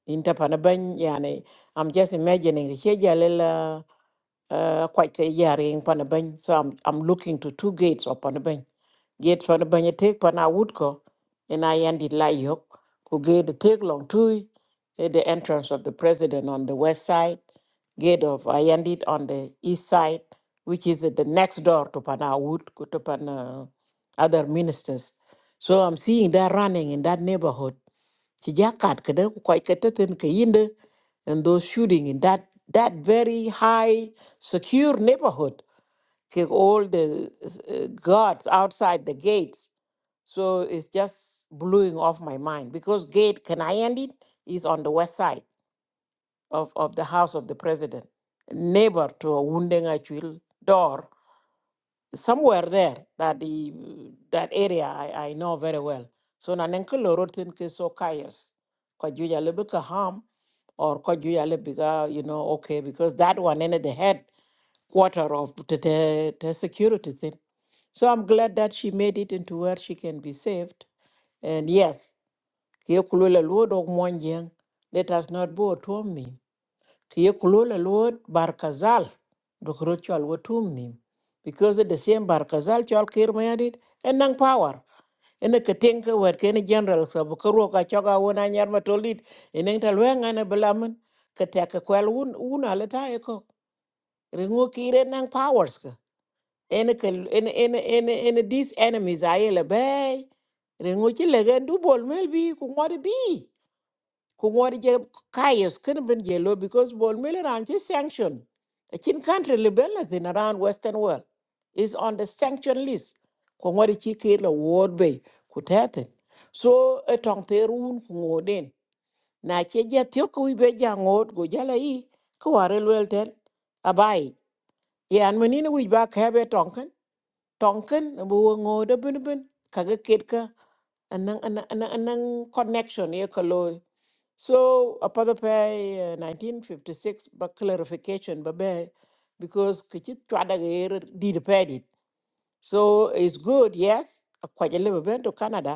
Speaker 2: interpanaban yani. I'm just imagining uh, quite a year in Panabang. So I'm I'm looking to two gates of Panabang. Gate Panabang you take Pana Woodco, and I ended Layok, who gate the take long to the entrance of the president on the west side, gate of I ended on the east side, which is at the next door to Pana Wood, go to Pana other ministers. So I'm seeing that running in that neighborhood. Ci jàkkaat ka da ku koy ka tëtën ka and those shooting in that that very high secure neighborhood take all the uh, guards outside the gates so it's just blowing off my mind because gate can is on the west side of, of the house of the president neighbor to a wounding door somewhere there that the that area i, I know very well so na nenke loro tin ke so kayes ko juja lebe ka ham or Kojuyale Biga, you know, okay, because that one ended the head quarter of the, the, the security thing. So I'm glad that she made it into where she can be saved. And yes, kiye kulula Lord of Mwanjang, let us not bow to me. Kiye kulula Lord Barkazal, Dokrochal Watumnim. Because at the same Barkazal, Chal Kirmayadit, and Nang Power ene ke tenke wet ke ne general so bu ko ro ka choga wona nyar ma tolit ene ta lwenga ne belamen ke te ke kwel un una le ta e ko ringo ki nan powers ke ene ke ene ene ene ene these enemies ayele bay ringo chi le gen du bol mel bi ku ngor bi ku ngori je kayes kin bin je lo because bol mele ran chi sanction a chin country le bel thin around western world is on the sanction list ku ngori chi ke lo wod be ku tete so a tong te run ku ngoden na che je thio ku be ja ngod go jala yi ku ware lwel ten abai yan menine wi ba ka be tonken tonken bu ngode bin bin kaga ketka anang anang anang anang connection ye ko so apada pay 1956 ba clarification ba be because kichit chwada gayer did paid it. So it's good, yes, a kwajale ba ben to Canada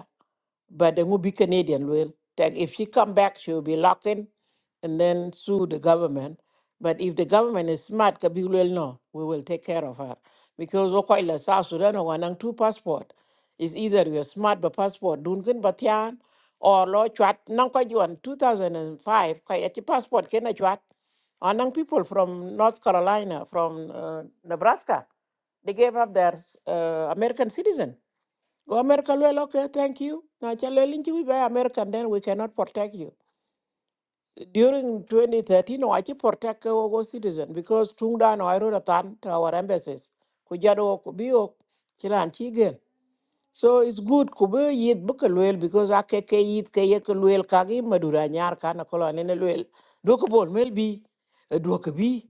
Speaker 2: but they will be Canadian will. That if she come back, she will be locked in and then sue the government. But if the government is smart, Kabir will know, we will take care of her. Because Okoila, South Sudan, or Wanang two passport. It's either you're smart but passport Duncan Batian or Law Chat Nanka Juan two thousand and five Kayachi passport Kena Chat. Anang people from North Carolina, from uh, Nebraska, they gave up their uh, American citizen. Go America well, okay, thank you. Now challenge link we buy American then we cannot protect you. During 2013, no, I keep protect our citizen because Tungda no I wrote a tan to our embassies. Kujado Kubio Chilan Chigen. So it's good kubu yit buka luel because ake ke yit ke ye ke luel kagi madura nyar kana kolo anene luel. Dua ke bol mel bi, eh, dua ke bi,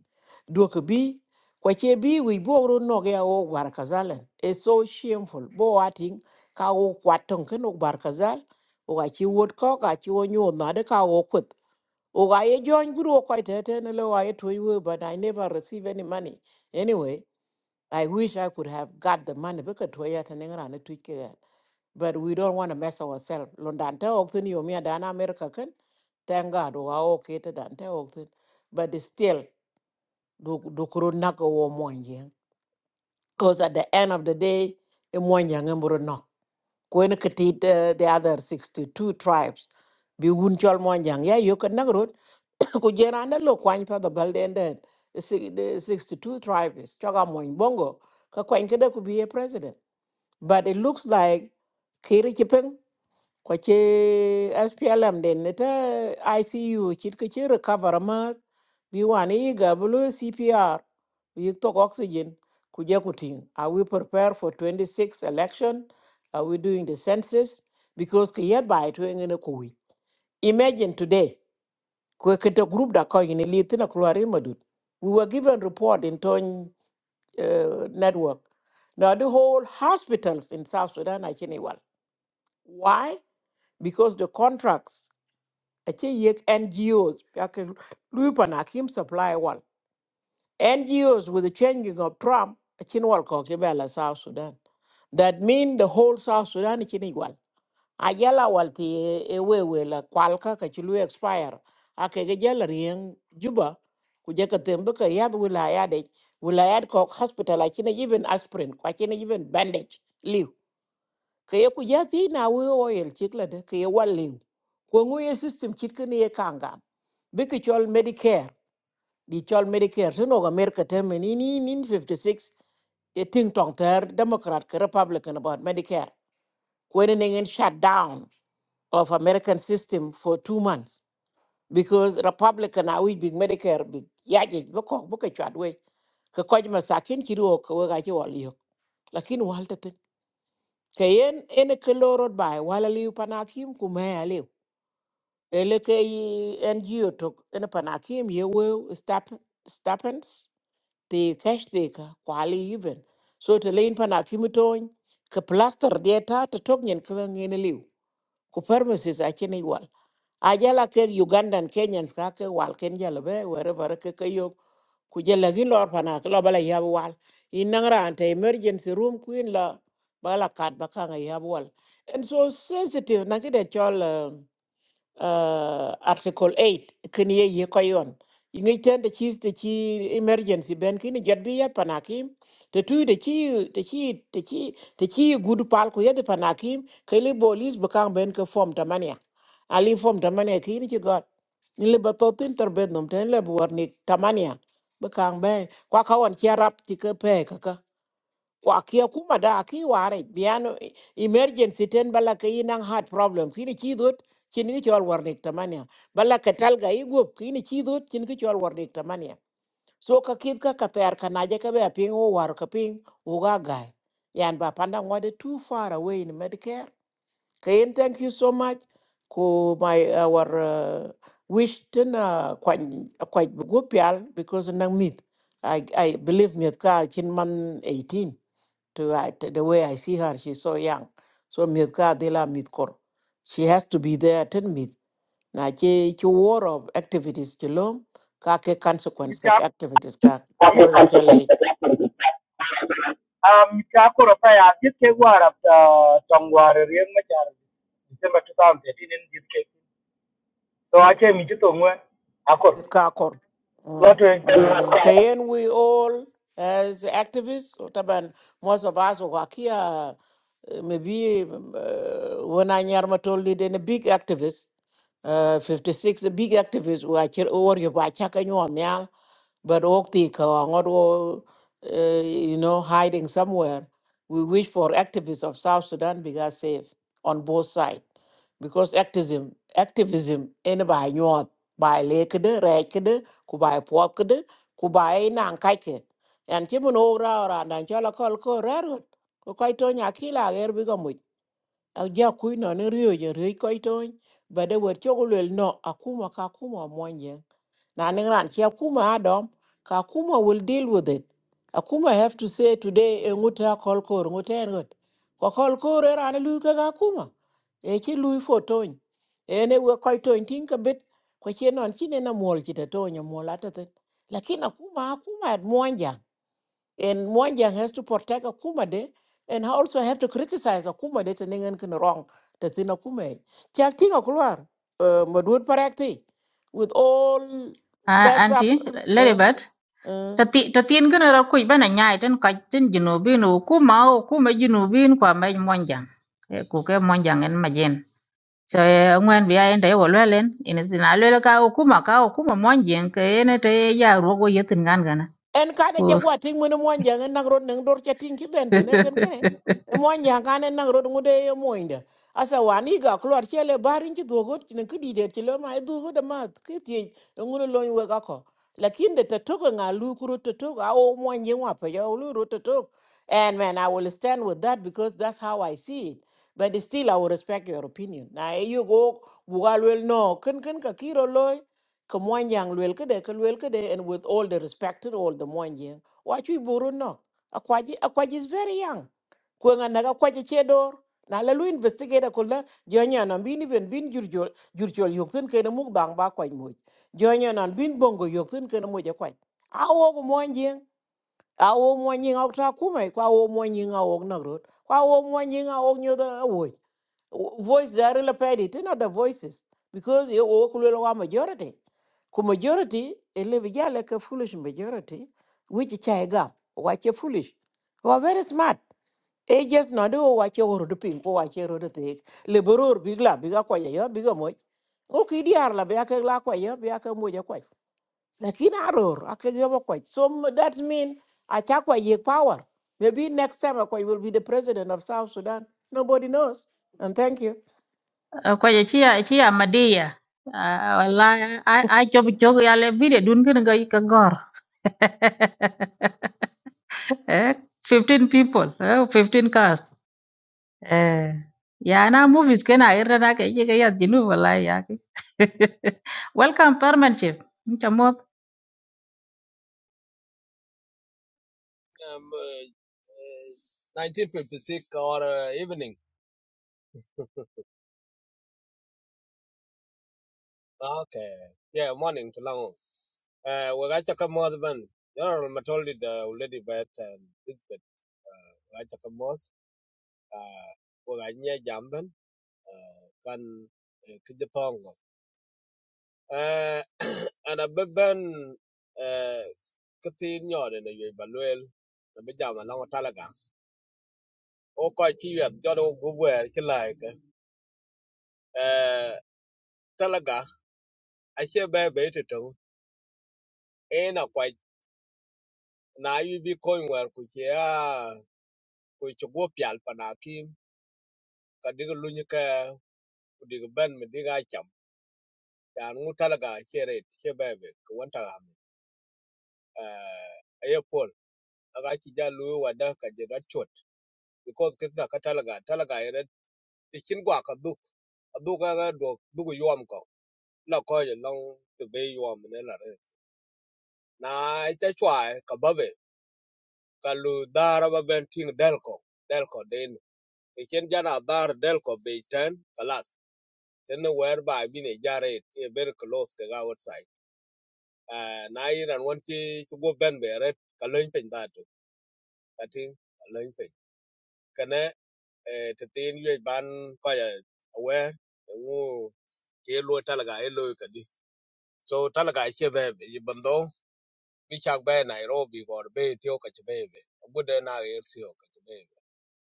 Speaker 2: dua ke bi. Kwa che bi wi bo ro no ge o war kazalan. It's so shameful. Bo ating ka o kwatong ken o bar kazal. O ga chi wot ko ga chi o nyo na de ka o kut. O ga ye join guru o kwa tete ne lo wa ye to you but I never receive any money. Anyway, I wish I could have got the money because to ya tenengra ne tuike but we don't want to mess ourselves. Lundante oktin yomi adana America Ken, Thank God we are okay to dante oktin. But it's still, do kuru naka wo mwanjeng. Because at the end of the day, e mwanjeng mburu nok. Kwen katit uh, the other 62 tribes. Bi wun chol mwanjeng. Ya yu kan nagrut. Kujera anda lo kwany pa the balde and then. The si- the 62 tribes. Chaga mwanj bongo. Ka kwany kada could be a president. But it looks like Kiri Kipeng kwa ci SPLM den ne ICU kit ka ci recover ma bi wani yi bulu CPR yi tok oxygen ku kuting are we prepare for 26 election are we doing the census because ki yet by to ngene ko imagine today kwe kete group da ko ni li tina madut we were given report in ton uh, network now the whole hospitals in South Sudan are Chinese. Why? Because the contracts achi yek NGOs yake luipa na kim supply wal NGOs with the changing of Trump achin wal ko kibela South Sudan that mean the whole South Sudan achin igual ayala wal ti ewewe la kwalka ka chilu expire ake ge jala rieng juba kuje ka tembe ka yad wilayade wilayad ko hospital achin e even aspirin achin e even bandage liu ke ye ku ja thi na we oil chik la de ke ye wa lew ko ngu ye system chit ke ne ye kanga bi ke chol medicare di chol medicare so no ga mer te me ni ni ni 56 ye ting tong ter democrat ke republican about medicare ko ne ngen shut down of american system for 2 months because republican are we big medicare big ya je ko ko ke chat we ke ko ma sakin ki ro ko ga ji wa liyo lakin wal te kayen ene ke lorot bai wala liu panakim ku me aliu ele ke yi ngo tok ene panakim ye we stap stapens te cash te ka kwali even so te lein panakim ton ke plaster de te tok nyen ke ngene liu ku permises a igual ajala ke ugandan kenyans ka ke wal ken jala be wherever ke ke ku jella ki lor pana ki lo bala yab wal i nangra ante emergency room queen la bala kat ba kanga yab wal and so sensitive na kide chol eh, uh, article 8 kini ye ye koyon ingi ten de chi de chi emergency ben kini jet bi ya panakim The two de chi de chi de chi de chi good pal ko ye de panakim kele bolis bakang ben ke form tamania ali form tamania kini chi got ni le batotin ter ben nom ten le buarni tamania bakang be kwa kawan chi arab ti ke pe wa kia kuma da ki ware biano e- emergency ten bala ka inang heart problem kini chi dot kini ki chol warnik tamania bala ka talga igup kini chi dot kini ki chol warnik tamania so ka kid ka ka ter ka naje ka be ping o war ka ping o ga gai yan ba panda ngode too far away in medicare kayen thank you so much ko my our uh, wish ten uh, quite quite good. pial because nang mit i i believe me ka chin man 18 to I, the way I see her, she's so young. So mit ka dela mit She has to be there ten mit. Na che che war of activities chelom ka ke consequence ka ke activities ka
Speaker 3: Okay,
Speaker 2: ko ga chale
Speaker 3: consequences. Um, Chakura Fire, this case war after Tongwar, Riang Machar, December 2013. So I came to Tongwe. I could.
Speaker 2: mit ka kor. Mm.
Speaker 3: Lot
Speaker 2: Mm.
Speaker 3: of
Speaker 2: Kayen we all as activists, or taban most of us who are here, uh, maybe uh, when I nyarma told it, then a big activist, uh, 56, a big activist who are here, or you are chaka nyuam but okti ka ngot wo, uh, you know hiding somewhere we wish for activists of south sudan be got safe on both sides because activism activism in by nyot by lake de rake de ku by pork de ku by nan kaike and kimun ora ora nan chala kol ko raro ko kai to nya kila ger bi gamu a ja ku no ne rio je rio kai to ba de wer chogulel no akuma ka kuma monje na ningran chi akuma adom ka akuma will deal with it akuma have to say today e nguta kol kor nguta en got ko kol kor era ne lu ga akuma e chi lu fo ton ene we koy ton tin bit ko chi non chi ne na mol chi tonya ton ya mol ata te lakini akuma akuma at mwanja. And Mwanjang has to protect Akumade and also have to criticize Akumade to Ningen can wrong the thing Akume. Chacking Akulwar, Madhur Parakti, with all
Speaker 1: Ah,
Speaker 2: mess up.
Speaker 1: anti,
Speaker 2: Uh,
Speaker 1: Ladybird,
Speaker 2: uh.
Speaker 1: tati tatien gana ra kuy bana nyai tan kaj tin junubin u ku mao ku ma junubin kwa ma monjang. E ku ke monjang en majen. so ŋwen bia yen tayo lwe len ina sina lwe ka o kuma ka o kuma mon jen ke ene te ya rogo yetin gan gana
Speaker 2: en ka de
Speaker 1: ko
Speaker 2: che gwa ting mun mon jang en nang rod nang dor che ting ki ben tene ken ken e mon jang kan en nang rod ngude e moinde asa wani ga klor che le barin chi dogo tin ki di de chi lo ma e dogo de ma ki ti ngulo lo we ga ko lakin de te togo nga lu kuro te togo a o mon jang wa pe yo lu ro te togo and man i will stand with that because that's how i see it but still i will respect your opinion Now, you go bugal wel no ken ken ka kiro loy, ka moanjang luel kede ka luel kede and with all the respect and all the moanjang wa chui buru no akwaji akwaji is very young kwenga naga kwaji chedor na la lu investigate ko la jonya na bin even bin jurjol jurjol yokten kede muk dang ba kwaj moj jonya na bin bongo yokten kede moj kwaj awo ko moanjang awo moanjing ok ta kuma kwa awo moanjing awo na rot kwa awo moanjing awo nyoda awo Wo- voice are la paid it not the voices because you walk a majority ku majority ele be ja like a foolish majority which chai gam watch a foolish who are very smart e just not do watch your road ping ko watch your road take le boror bigla biga ko ya biga mo o ki diar la biya ke la ko ya biya ke mo ja ko lakini aror akeg yo ko so m- that mean acha ko ye power maybe next time ko will be the president of south sudan nobody knows and thank you
Speaker 1: ko ye chi ya chi ya madia wala a chob chog ya le bide dun kin ga ka gor eh fifteen people eh 15 cars eh ya na movies kana irra na ke ye ga ya jinu wala ya ke welcome permanent chief chamo
Speaker 4: um, uh, uh, 1956 or uh, evening. Okay. Yeah, morning to long. Uh, we got check more than General Matoldi, the already bet and Elizabeth. Uh, we got check more. Uh, we got near Jamban. Uh, can Kijatongo. Uh, and a beben, uh, Katin Yod and a Baluel. The Bijam along a Talaga. Oh, quite cheap. Jodo, good work. You like. Uh, Talaga. ace bɛɛ bɛ yeti tɛŋ ɛɛn akwany na ayi bi kɔny wɛr ku ci aa ku ci guo pial pa na kim ka dig lunyi kɛ ku dig bɛn mi dig a cham yan ŋu talaga ace ret ace bɛɛ bɛ ku wɛnta hami aye pol aga ci ja luyi wada ka je rat chot because kita ka talaga talaga ye ret ti chin gwa ka duk a duk aga duk duk yuam ko la ko je long ti be yom ne la re na ita chwa ka babe ka lu dara ba ben ting del ko del ko de Echen jana dar del ko be ten kalas. Ten where by bin a jare a very close to our side. Uh, na and one chi to go ben be red kalun pin that too. I think kalun pin. Kane to tin you ban kaya aware ngu ke lo talaga e lo ka di. So talaga e che be be bando bi chak be Nairobi or be tio ka che be be. Abude na ir sio ka che be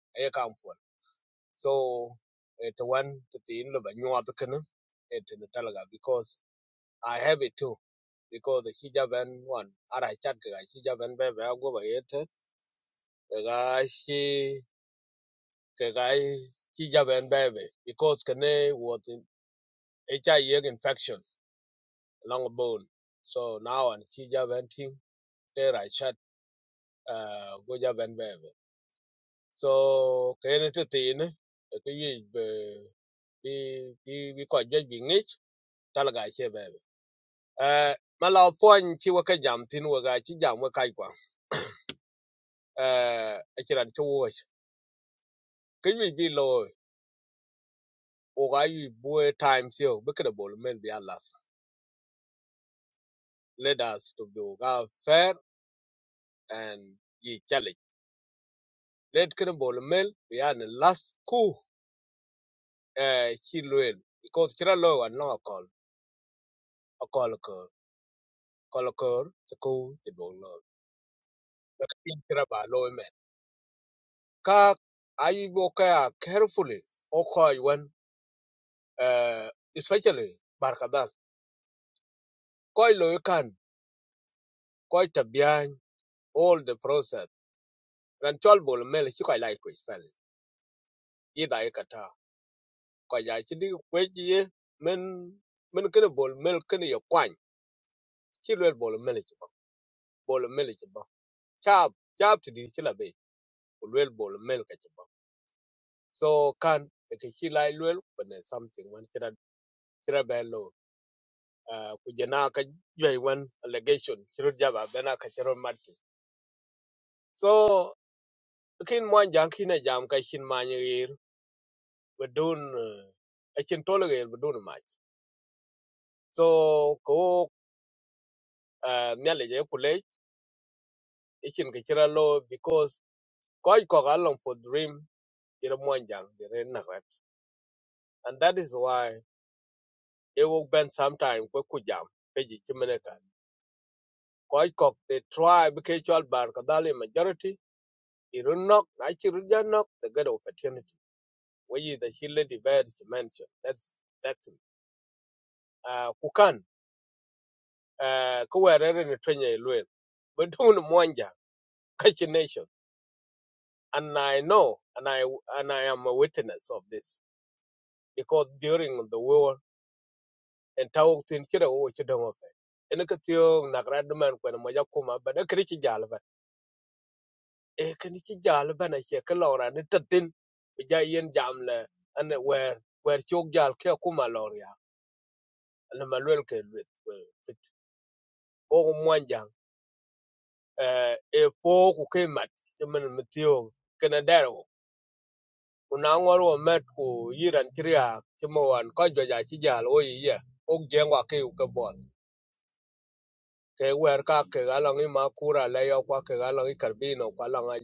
Speaker 4: be. E kam So it one to the in the new can it in the talaga because I have it too because the hijab and one ara chat ka hijab and baby go by it ka shi ka hijab and baby because can was in HIV infection long bone so now and hijab and thing there I chat uh go jab and baby so can it the in ka yi be bi bi ko jaj bi talaga che baby eh ma pon chi wa jam tin wa chi jam wa kwa eh a chiran wo ke bi lo o ga yu bu time sio be ka bol men bi alas let us to be o fair and ye challenge let ka bol men bi an las ku eh chi loel because chira lo wa no call a call ko call ko ko ti bo lo ka tin chira ba lo e men ka ayi bo carefully o ko uh, especially barkadal koy lo kan koy tabian all the process ran chol bol mel chi koy lai kwe fel yi da yi kata koy ya chi di kwe ji ye men men can bol mel kene yo kwan chi lo bol bowl chi ba bol mel chi ba chap chap ti di chi la be lo bol mel ka chi ba so can e ke chi lai lo when there's something when kira kira be lo uh, ku jena ka jwe wan allegation chiru jaba bena ka chiru mati so kin mon jang kin a jam ka kin man rir bedun a kin tolerer bedun mach so ko nyale je kule a kin ka kira lo because koi ko ga for dream ira mon jang dire na rat and that is why it will bend sometime ko ku jam pe ji kimene kan koi ko the tribe ke chol bar ka dali majority irunok na chirujanok the god of eternity where is the healer divide mentioned that's that's it. uh, kukan uh, ko werere ni twenya ilwe but un monja kachi nation and i know and i and i am a witness of this because during the war and tau tin kira wo chi dongo fe en ka tio na grad man ko moja kuma ba da kri chi jalba e kri chi jalba na che ka lora ni tatin ja yen jamle an wer wer chok jal ke kuma loria na malwel ke lwet we- fit o monja eh, e po ku ke mat men mtio kunangor wo met ku yiran ci riyaak ci ma wan ko jwaja ci jal wo yi ye uk jeng wa ke bot ke wer ka ke ga long i ma kura le yo kwa ke ga long i karbino kwa long a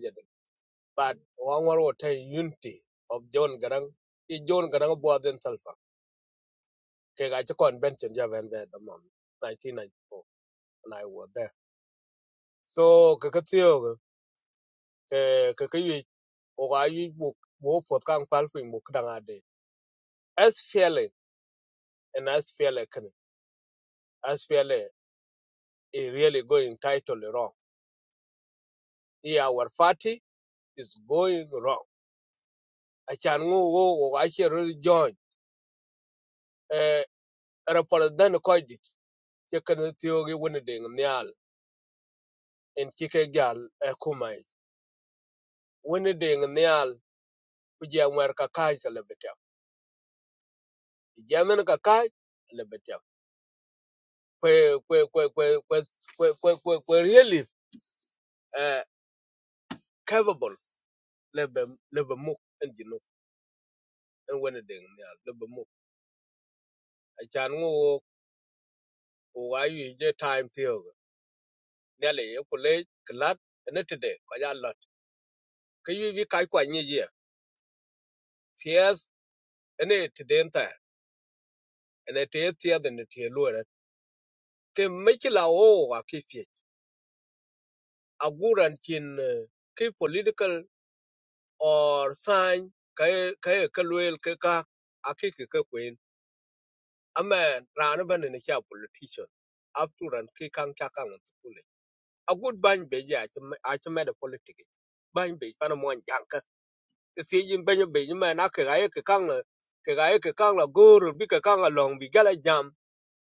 Speaker 4: but wangor wo te unity of john garang i john garang bo den salfa ke ga ci convention ja ben be the mom 1994 and i was there so ke ke tiyo ge, ke ke ke yi o ga yi bu bo fot kan fal fi mu kdanga de as fele and as fele kan is really going totally wrong. Yeah, our party is going wrong. Achan ngu go. I achi really join. Eh, rapor dan ko di. Chicken tiyogi wini ding nial. En chike gal eh kumai. Wini ding nial. Kujia mwer kakaj ka lebetia. Jamin kakaj lebetia. Kwe, kwe, kwe, kwe, kwe, kwe, kwe, kwe, kwe really eh, capable lebe, lebe muk en jinu. En wini ding nial. Lebe muk. Achan ngu wo wo ayu je time tiyogi. nele ye kule klat ene tide ko ya lot ke yu kai kwa ni ye ties ene tide nta ene te tie de ne tie lo re ke me ki o wa kifye fie aguran kin eh, ki political or sign ke ke ke kaka ke ka akiki ke kwen amen rana bane ne cha politician afturan ki kan chakang kan kule a good bang be ya a cha me de politics bang be pana mo jang si jin benyo benyo man na ke gaye ke kang la ke gaye ke kang la guru bi ke kang la long bi gala jam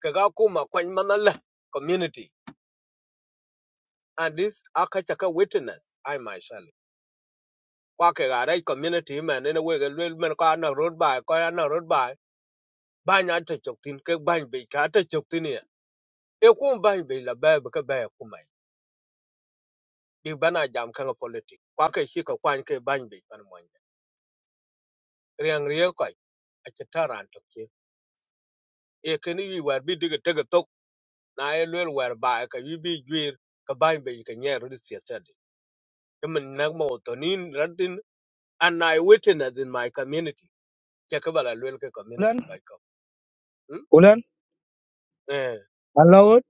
Speaker 4: ke ga kuma kwan manala community and this akachaka witness i myself kwa ke ga rai community man ne we ga lwel men kwa na road by kwa na road by ba nya ta chok tin ke ban be ka ta chok tin ya e ku ban be la ba ba ka ba ku mai bi bana jam kan politics kwa ke shi ka kwan ke ban be kan mon riang riang ko a ta ran to ke e ke ni wi war bi diga tega tok na e lwel wer ba e ka yu bi jwir ka ban be ka nye ru si sed kemen na mo to nin radin and i witness in my community ke ka bala lwel ke community
Speaker 3: Ulan,
Speaker 4: by ka mm?
Speaker 3: Ulan,
Speaker 4: eh
Speaker 3: allowed,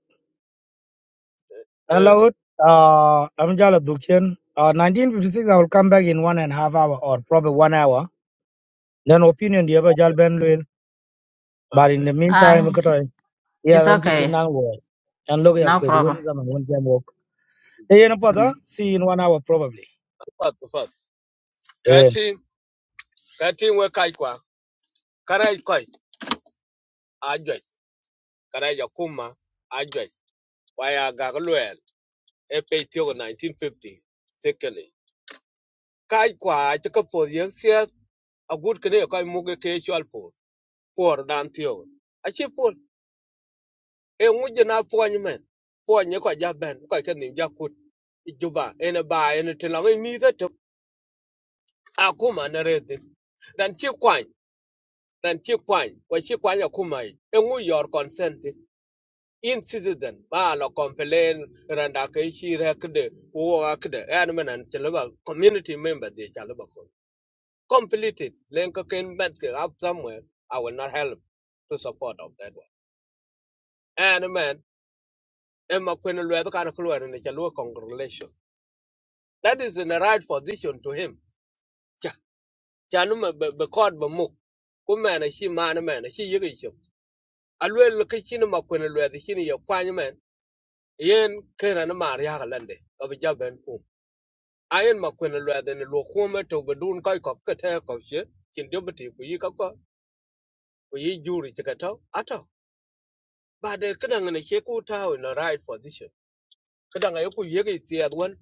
Speaker 4: eh
Speaker 3: allowed. Uh, I'm Jala Dukchen. Uh, 1956, I will come back in one and a half hour or probably one hour. Then opinion, the other Jal Ben Lil. But in
Speaker 4: okay
Speaker 3: the
Speaker 1: ah
Speaker 3: meantime, I
Speaker 1: it's
Speaker 3: yeah, I'm
Speaker 1: okay
Speaker 4: mm.
Speaker 3: teaching now. And look at
Speaker 1: No
Speaker 4: mm.
Speaker 3: with one
Speaker 1: problem.
Speaker 3: and one jam walk. Hey, no know, brother,
Speaker 1: Mm.
Speaker 3: see you in one hour probably.
Speaker 4: fat fat
Speaker 3: Yeah.
Speaker 4: kati kati we kai kwa karai kai ajoi karai yakuma ajoi waya gaglwel e pe tio 1950 secondly kai kwa chaka for young a good kene kai muge ke chwal for for dan tio a chi for e nguje na for ni for ni ko ja ben ko ke ni ja kut i juba ene ba ene te la mi te to a kuma na rete dan chi kwan dan chi kwan ko chi kwan ya kuma i e ngu yor consent in citizen ba lo complain randa ke chi rekde wo akde en men an te la community member de cha la ko completed len ko ken met up somewhere i will not help to support of that one and man Emma Quinn Lwetha Kana Kulwer and Chalua congregation. That is in the right position to him. Chanum be called Bamuk. Kuman a she man a man, a she yigisho. Alwe Lukachin Maquin Lwetha Shini Yakwanyaman, Ian Kiran Mariakalande Obi Jaban Kum. Ayen Ian Maquin Lwetha and Lukuma to Badun Koi Kokata Koshe, Chindubati, Kuyikako, Kuyi Juri Chikato, Ato. But the Kanang and a Sheku in the right position. kadanga yoku yege isiad wan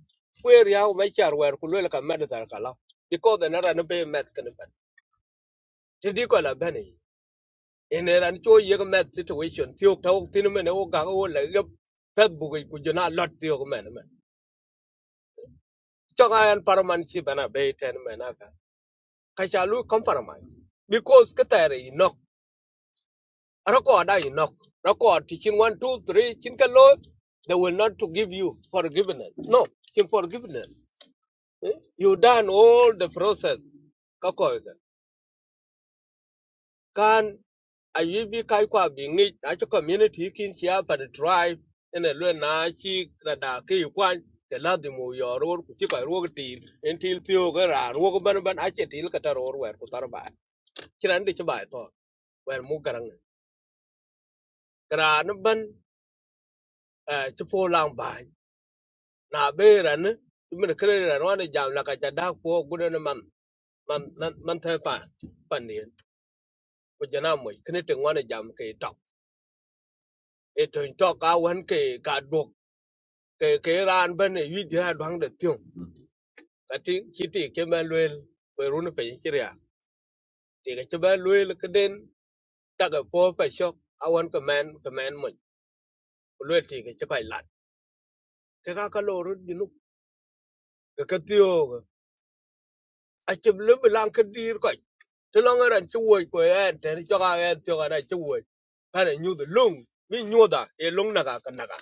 Speaker 4: where ya ba char wer ku lele ka med tar kala because the nara no be met kan ban ti di ko la bani in ran cho yege met situation ti ok taw tin men o ga o le ge pet bu ku jona lot ti ok men men cho ga an paraman chi bana be ten men aka ka chalu compromise because katare inok record ai inok record ti chin 1 two three chin ka lo they will not to give you forgiveness no chin forgiveness Eh, You done all the process. Kakoiga. Can I be kaikwa being it at your community kin here for the tribe and a luna chi kada kwan the ladimu your road kuchika road team until theoga and walk banban at your tail cutter or where kutarba. Chiran dich by thought where mugarang. Granaban uh chipo lang by na bear and you mean a career and one jam like a jadak poor good and a man man man man pan ko jana mo kene te ngone jam ke tok e to to ka wan ke ka dok ke ke ran ban ne wi dia dwang de tiu ka ti ki ti ke ban lwel ko run pe ki ria ti ke che ban ke den ta ga po fa shok a wan ke men ke men mo ko lwel ti ke che lat ke ka ka lo ru di nu ke ka ti o a che lu blan ke dir ko ti lo ngaran chu wo ko en te ni cho ka en ti ga da chu wo ka ne nyu de lung mi nyu da e lung na ga ka na ga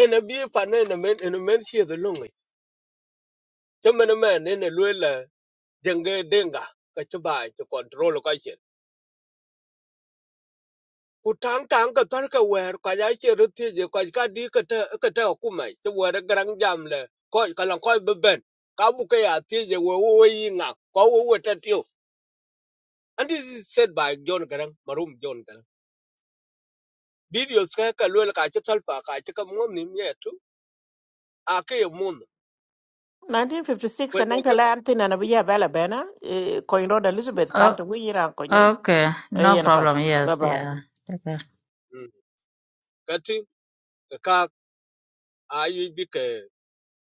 Speaker 4: en bi e fa ne ne men en men chi de lung e. cho men men ne ne lue la denge denga ka che bai to control ka che ku tang tang ka tar ka wer ka ya che ru ti je ka ka di ka ta ka ta ku mai che wer grang jam le ko ka lang ko be ben ka bu ka ya ti je wo wo yi nga ko wo wo ta ti and this is said by john garang marum john garang videos ka ka lue la ka che tal pa ka che ka mo ni me tu a ke ye mun ko
Speaker 2: 1956 and
Speaker 4: ne ka
Speaker 2: anangtala antin ana biya bala Bella eh, coin road elizabeth kanto
Speaker 1: Oh,
Speaker 2: wiyira konyin
Speaker 1: okay. No
Speaker 2: eyena pat
Speaker 1: problem.
Speaker 2: bye
Speaker 1: Yes.
Speaker 2: bye
Speaker 1: Yeah. Okay.
Speaker 4: Mm. ka ti ka ka a yi bi ke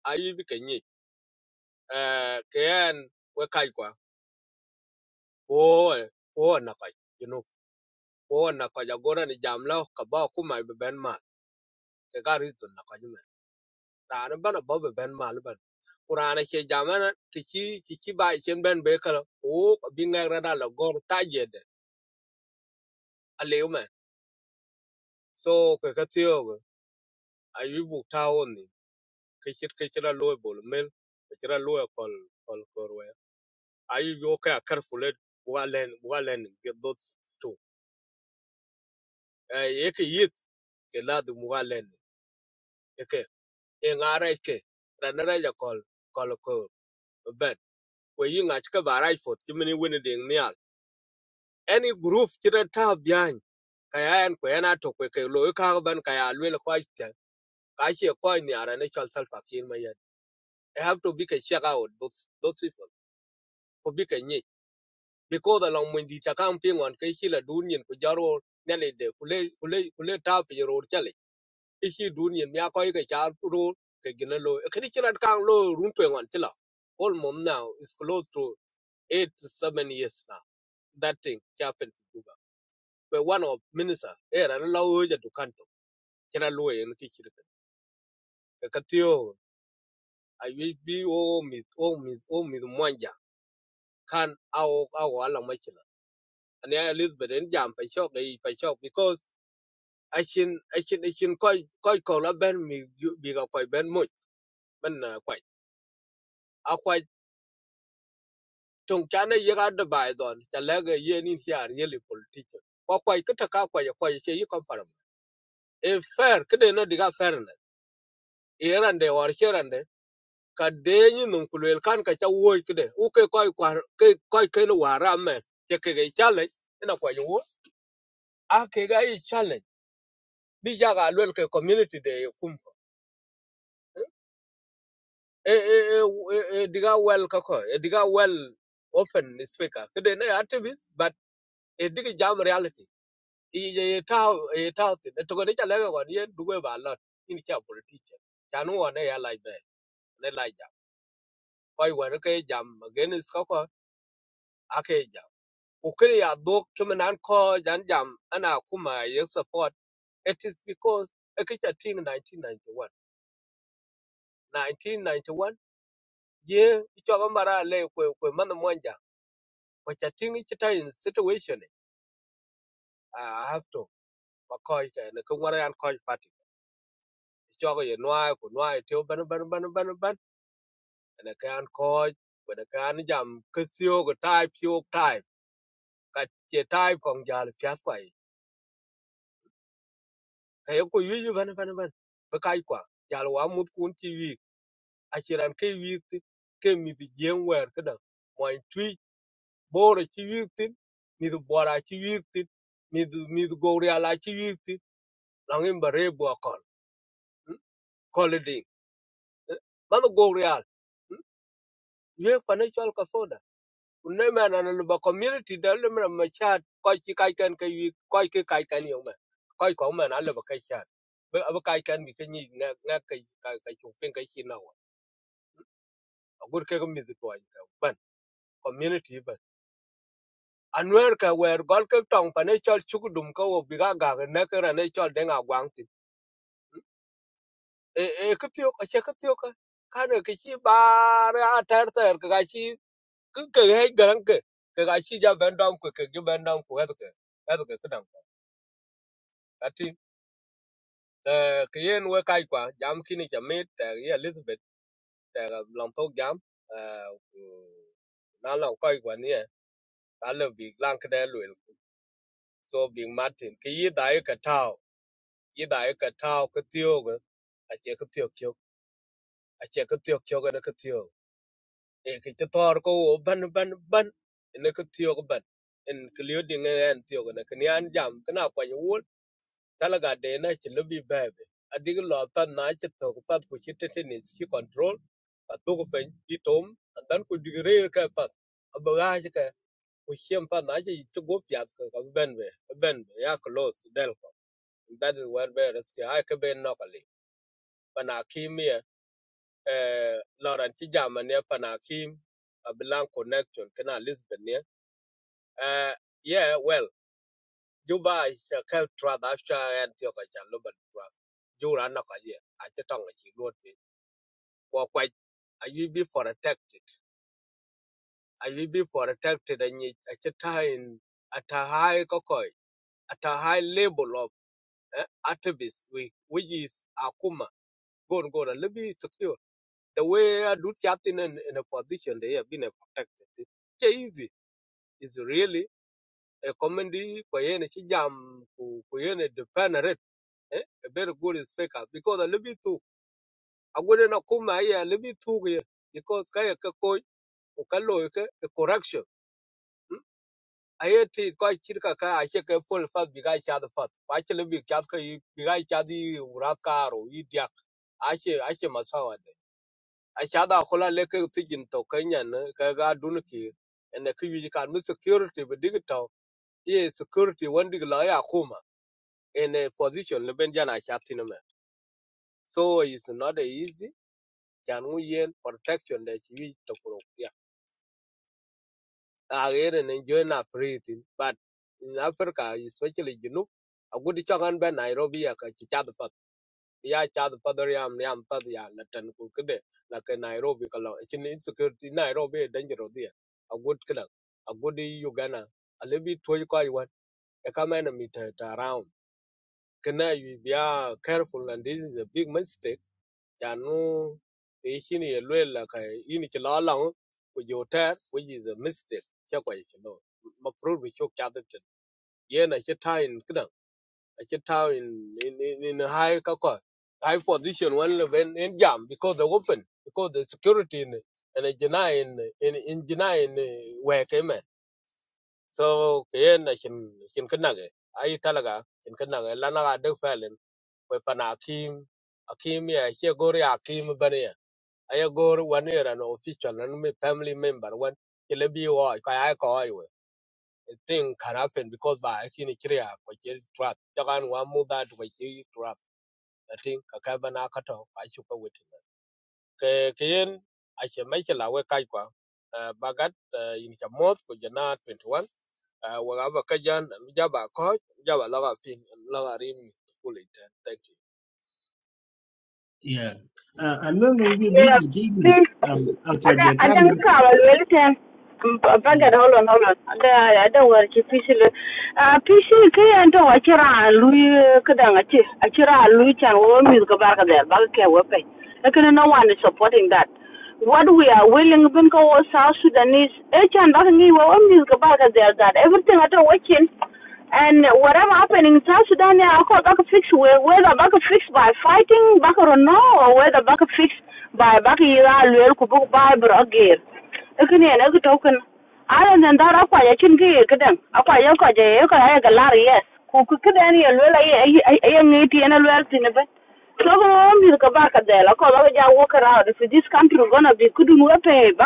Speaker 4: a yi bi ke ni eh ke en we kai kwa Oe, oe na kaj, you know, oe na kaj agora ni jam lao kaba kuma be ben mal. Teka reason na kaj men. Rana bana ba be ben mal ben. Kurana che jamana kichi kichi ba chen ben be kala. O binga rada la gor ta jede. Aliu men. So ke katio go. Ayu bu ta oni. Kichit kichira loe bol mel. Kichira loe kol kol korwe. Ayu yo ka careful walen walen get those two. Eh yeke yit ke la du walen. e ŋaraj ke ranaraja kol kol ko bet we yi ŋach ke baraj fot chimini wini diŋ nial any group chira ta biany ka ya en ko en ato kwe ke lo i ban ka ya lwel ko te ka che ko ni ara ne chol sal fakir ma yet i have to be ke check out those those people ko be ke nyi because along mun di ta kam pi ngon ke chila dun yin ku jaro nyale de kule kule kule ta pi ro ichi dun ye mya ko ke char ro ke gina lo kri chirat kang lo run pe ngon chila all mom now is close to 8 to 7 years now that thing happened to Juba but one of minister era la o ja du kanto chira lo ye nti chira ke katio i will be o mi o mi o mi mwanja kan ao ao ala machila and elizabeth en jam pa shock e pa shock because achin achin achin koi koi ko la ben mi bi ga koi ben mo ben na kwai tong chana ye ga de bai don ta le ga ye ni siar ye li politike ko ko ke ta ka ko ye ko ye yi konfarm e fair ke de no diga fairness e rande war che rande ka de ni num kulel kan ka cha wo ke de u ke ko ko ke ko ke no wara ke ke challenge ina ko ye a ke ga yi challenge bi ja ga lwel ke community de ye kum e e e e e diga well ka ko e diga well often speaker ke de ne activist but e diga jam reality ye Tao, ye tau tin to ko ne cha le ko ye duwe ba lot in cha bul ti che cha nu ne ya lai be ne lai ja koi wa ke jam again is ko ko a ke jam ku kre ya do kum nan ko jan jam ana kuma ye support it is because a ke ting 1991 1991 ye cho ko mara le ko ko man mo ja ko cha ting chi ta in situation i have to ko ko ne ko wara an ko fat cho ko ye noa ko noa te ban ban ban ban ban ene kan ko wena kan jam ksio go type sio type ka che type kong jal fias kwai ka yo ko yu ban ban ban ba kai kwa jal wa mut kun ti wi a chiran ke wi ti ke mi di jen wer kada mo twi bor ti wi ti mi di bora ti wi ti mi di mi di go ria la ti wi ti langin bare bo kon Hmm? ko le ding ma go real ye financial ka Unema na na luba community da lema na ma chat koi ki kai kan kai wi koi ki kai kan yo ma. Koi ko ma na luba kai chat. Ba ab kai kan gi kan yi na na kai kai kai chu pen kai chi na wa. Agur ke ko mi zu toi ban community ban. Anwer ka wer gol ka tong pa ne chol chu dum ka wo bi ga ga na ka ra ne chol de nga gwang ti. E e ka tiyo ka che ka tiyo ka. Ka ne ka chi ba ra tar tar ka ga chi ka ka he garan ka. Ka chi ja ben dom ku ka ju ben dom ku ha to ka. Ha to ka ka dang. ka ti te ke yen we kai kwa jam kini cha mit te ye elizabeth te long tok jam eh, ku na long koi kwa ni ta le bi lang de lwel so bi martin ke yi dai ka tao yi dai ka tao ke tio ge a che ke tio kyo a che ke tio kyo ge ne ke tio e ke che tor ko wo ban ban ban ne ke tio ge ban en ke liu ding en tio ge ne ke ni jam ke na kwa yo talaga de na ci lobi bebe adig lo ta na ci to ko pat ku ci tetenis ci control pa to ko fen ci tom dan ku digre reer ka pat abaga ci ka ku chem pa na ci ci go fiat ka ka benbe benbe ya close del ko that is where be risk ha ka be nokali Panakim ya eh loran ci jamane pana kim connection kana lisbon ne eh yeah well juba ka tra da sha en tio ka cha lo ban tra jura na ka ye a che tong chi lo ti ko kwa a you be for protected a you be for protected and you a che ta at a high kokoi at a high level of uh, activists we which is akuma go and go and be secure the way I do chatting in, in a position they have been eh, protected It's easy It's really a comedy kwa yene chi jam ku ku yene defend eh, very good is faker because a little bit too a good na kuma ya a little bit too here because kaya ka ko o a correction Hmm? I a ye ti ko kirka ka I check a she ka full fat biga cha da fat ba che little bit chat ka yi- biga cha di urat ka i dia a she a she masawa de a cha da kola le ka tijin to kanya na ka ga and the key can security but digital yeah security one dig la ya kuma in a position le ben jana chatin so it's not easy chan ngu yen protection de chi wi to kuro ya a gere ne jo na pritin but in africa especially junu a gudi chagan be nairobi ya ka chi chad pat ya chad pat ya am yam pat ya na tan ku kede la ke nairobi ka lo chin insecurity nairobi e dangerous dia a gud kida a gudi ugana a lebi toy ko aywan e ka mena mi ta Kana you be are careful and this is a big mistake. Chanu Ishin Yeluela Inichilala with your tire, which is a mistake. Chakwa is no. Maprove with your chatterton. Yen I should tie in Kidang. I should tie in in in in a high kaka. High position one when in jam because they open because the security in and a Janai in in in Janai in where came so kayen na shin shin kanage ai talaga shin kanage lana ga duk felin we pana akim akim ya ke gori akim bane ya ai gori wani era no official and me family member one ile bi wo ka ai ko ai we It thing can happen because by akin kriya ko ke trap jagan wa mu da to trap i think ka ka bana ka to ka shi ko ke keyen ache Michael awe kai kwa eh, bagat eh, in cha moth ko jana 21 eh, wa ga ba kajan jaba ko jaba la ga pin la rim kulita. thank you
Speaker 5: Yeah. Uh, I remember you beat the game. Um, I quite the coming. Yeah.
Speaker 6: kadang achi achira lui chan wo mi ko bar ka der ba no one is supporting that what we are willing to go south sudanese e chan ba ngi wo mi ko bar ka der that everything at watching and whatever happening in South Sudan, yeah, I call back a fix whether back a fix by fighting back or no, or whether back a fix by back a year, I'll by Brogir ikin yen ik tokin aran den dar akwaja chin ki kiden akwaja kwaja ye ko ya galar yes ku ku kiden ye lela ye ye yen lel tin be ko de la wepe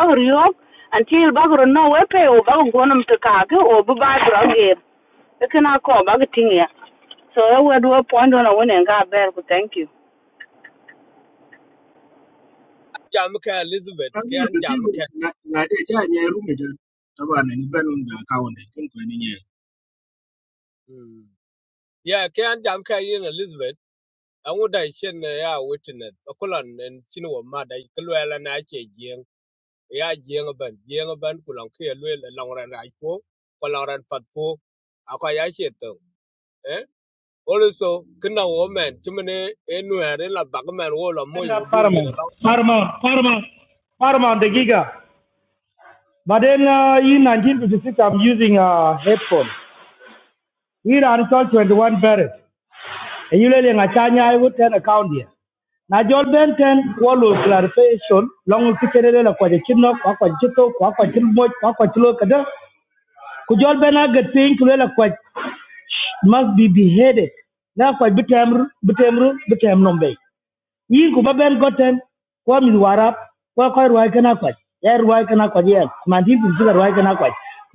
Speaker 4: jam ka elizabeth
Speaker 5: Kan
Speaker 4: ke
Speaker 5: yi
Speaker 4: an
Speaker 5: bati
Speaker 4: jam ka
Speaker 5: na na de ja ne rumi da taban ne ban da account din ko ne
Speaker 4: mm. yeah ke an jam ka yin elizabeth an wuda shin eh, ya witness kulan en chin wa ma da kulwela na che jien ya jien ban jien ban kulan ke lwe la ran ai po ko ran pat po akwa ya che to Also, kena woman, chimene enuere la bagman wo la
Speaker 3: And uh,
Speaker 4: udun
Speaker 3: Paramount,
Speaker 4: yina.
Speaker 3: Paramount, Paramount, Paramount, the Giga. But then uh, in 1956, I'm using a uh, headphone. Here are told 21 buried. And you lay a China, I would turn account here. Now, Jordan Benton, Wallo clarification, long ticket, a quachino, a quachito, a quachimo, a quachilo, Kada. Could John Benna get thing to a quach must be beheaded? Now, quite bitamru, bitamru, bitam nombe yin ku baben goten ko mi warap ko ko ruwa kana kwa er ruwa kana kwa yes man bu zuga ruwa kana kwa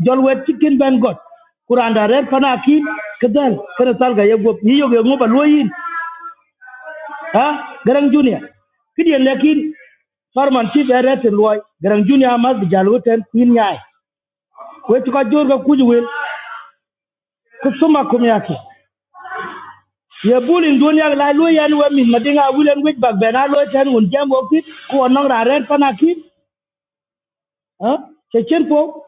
Speaker 3: jol wet chicken ben got kuran da red pana ki kedan kana sal ga yego ni yo go loyin ha garang junior kidian lekin farman chief eret loy garang junior mas jaluten yin nyai wet ko jor ga kuju suma kum yake ye bulin dunia la loyan we min madinga wulen wet bag bena loy tan un jambo kit ko non ra red pana ki Hein? C'est Tienpo.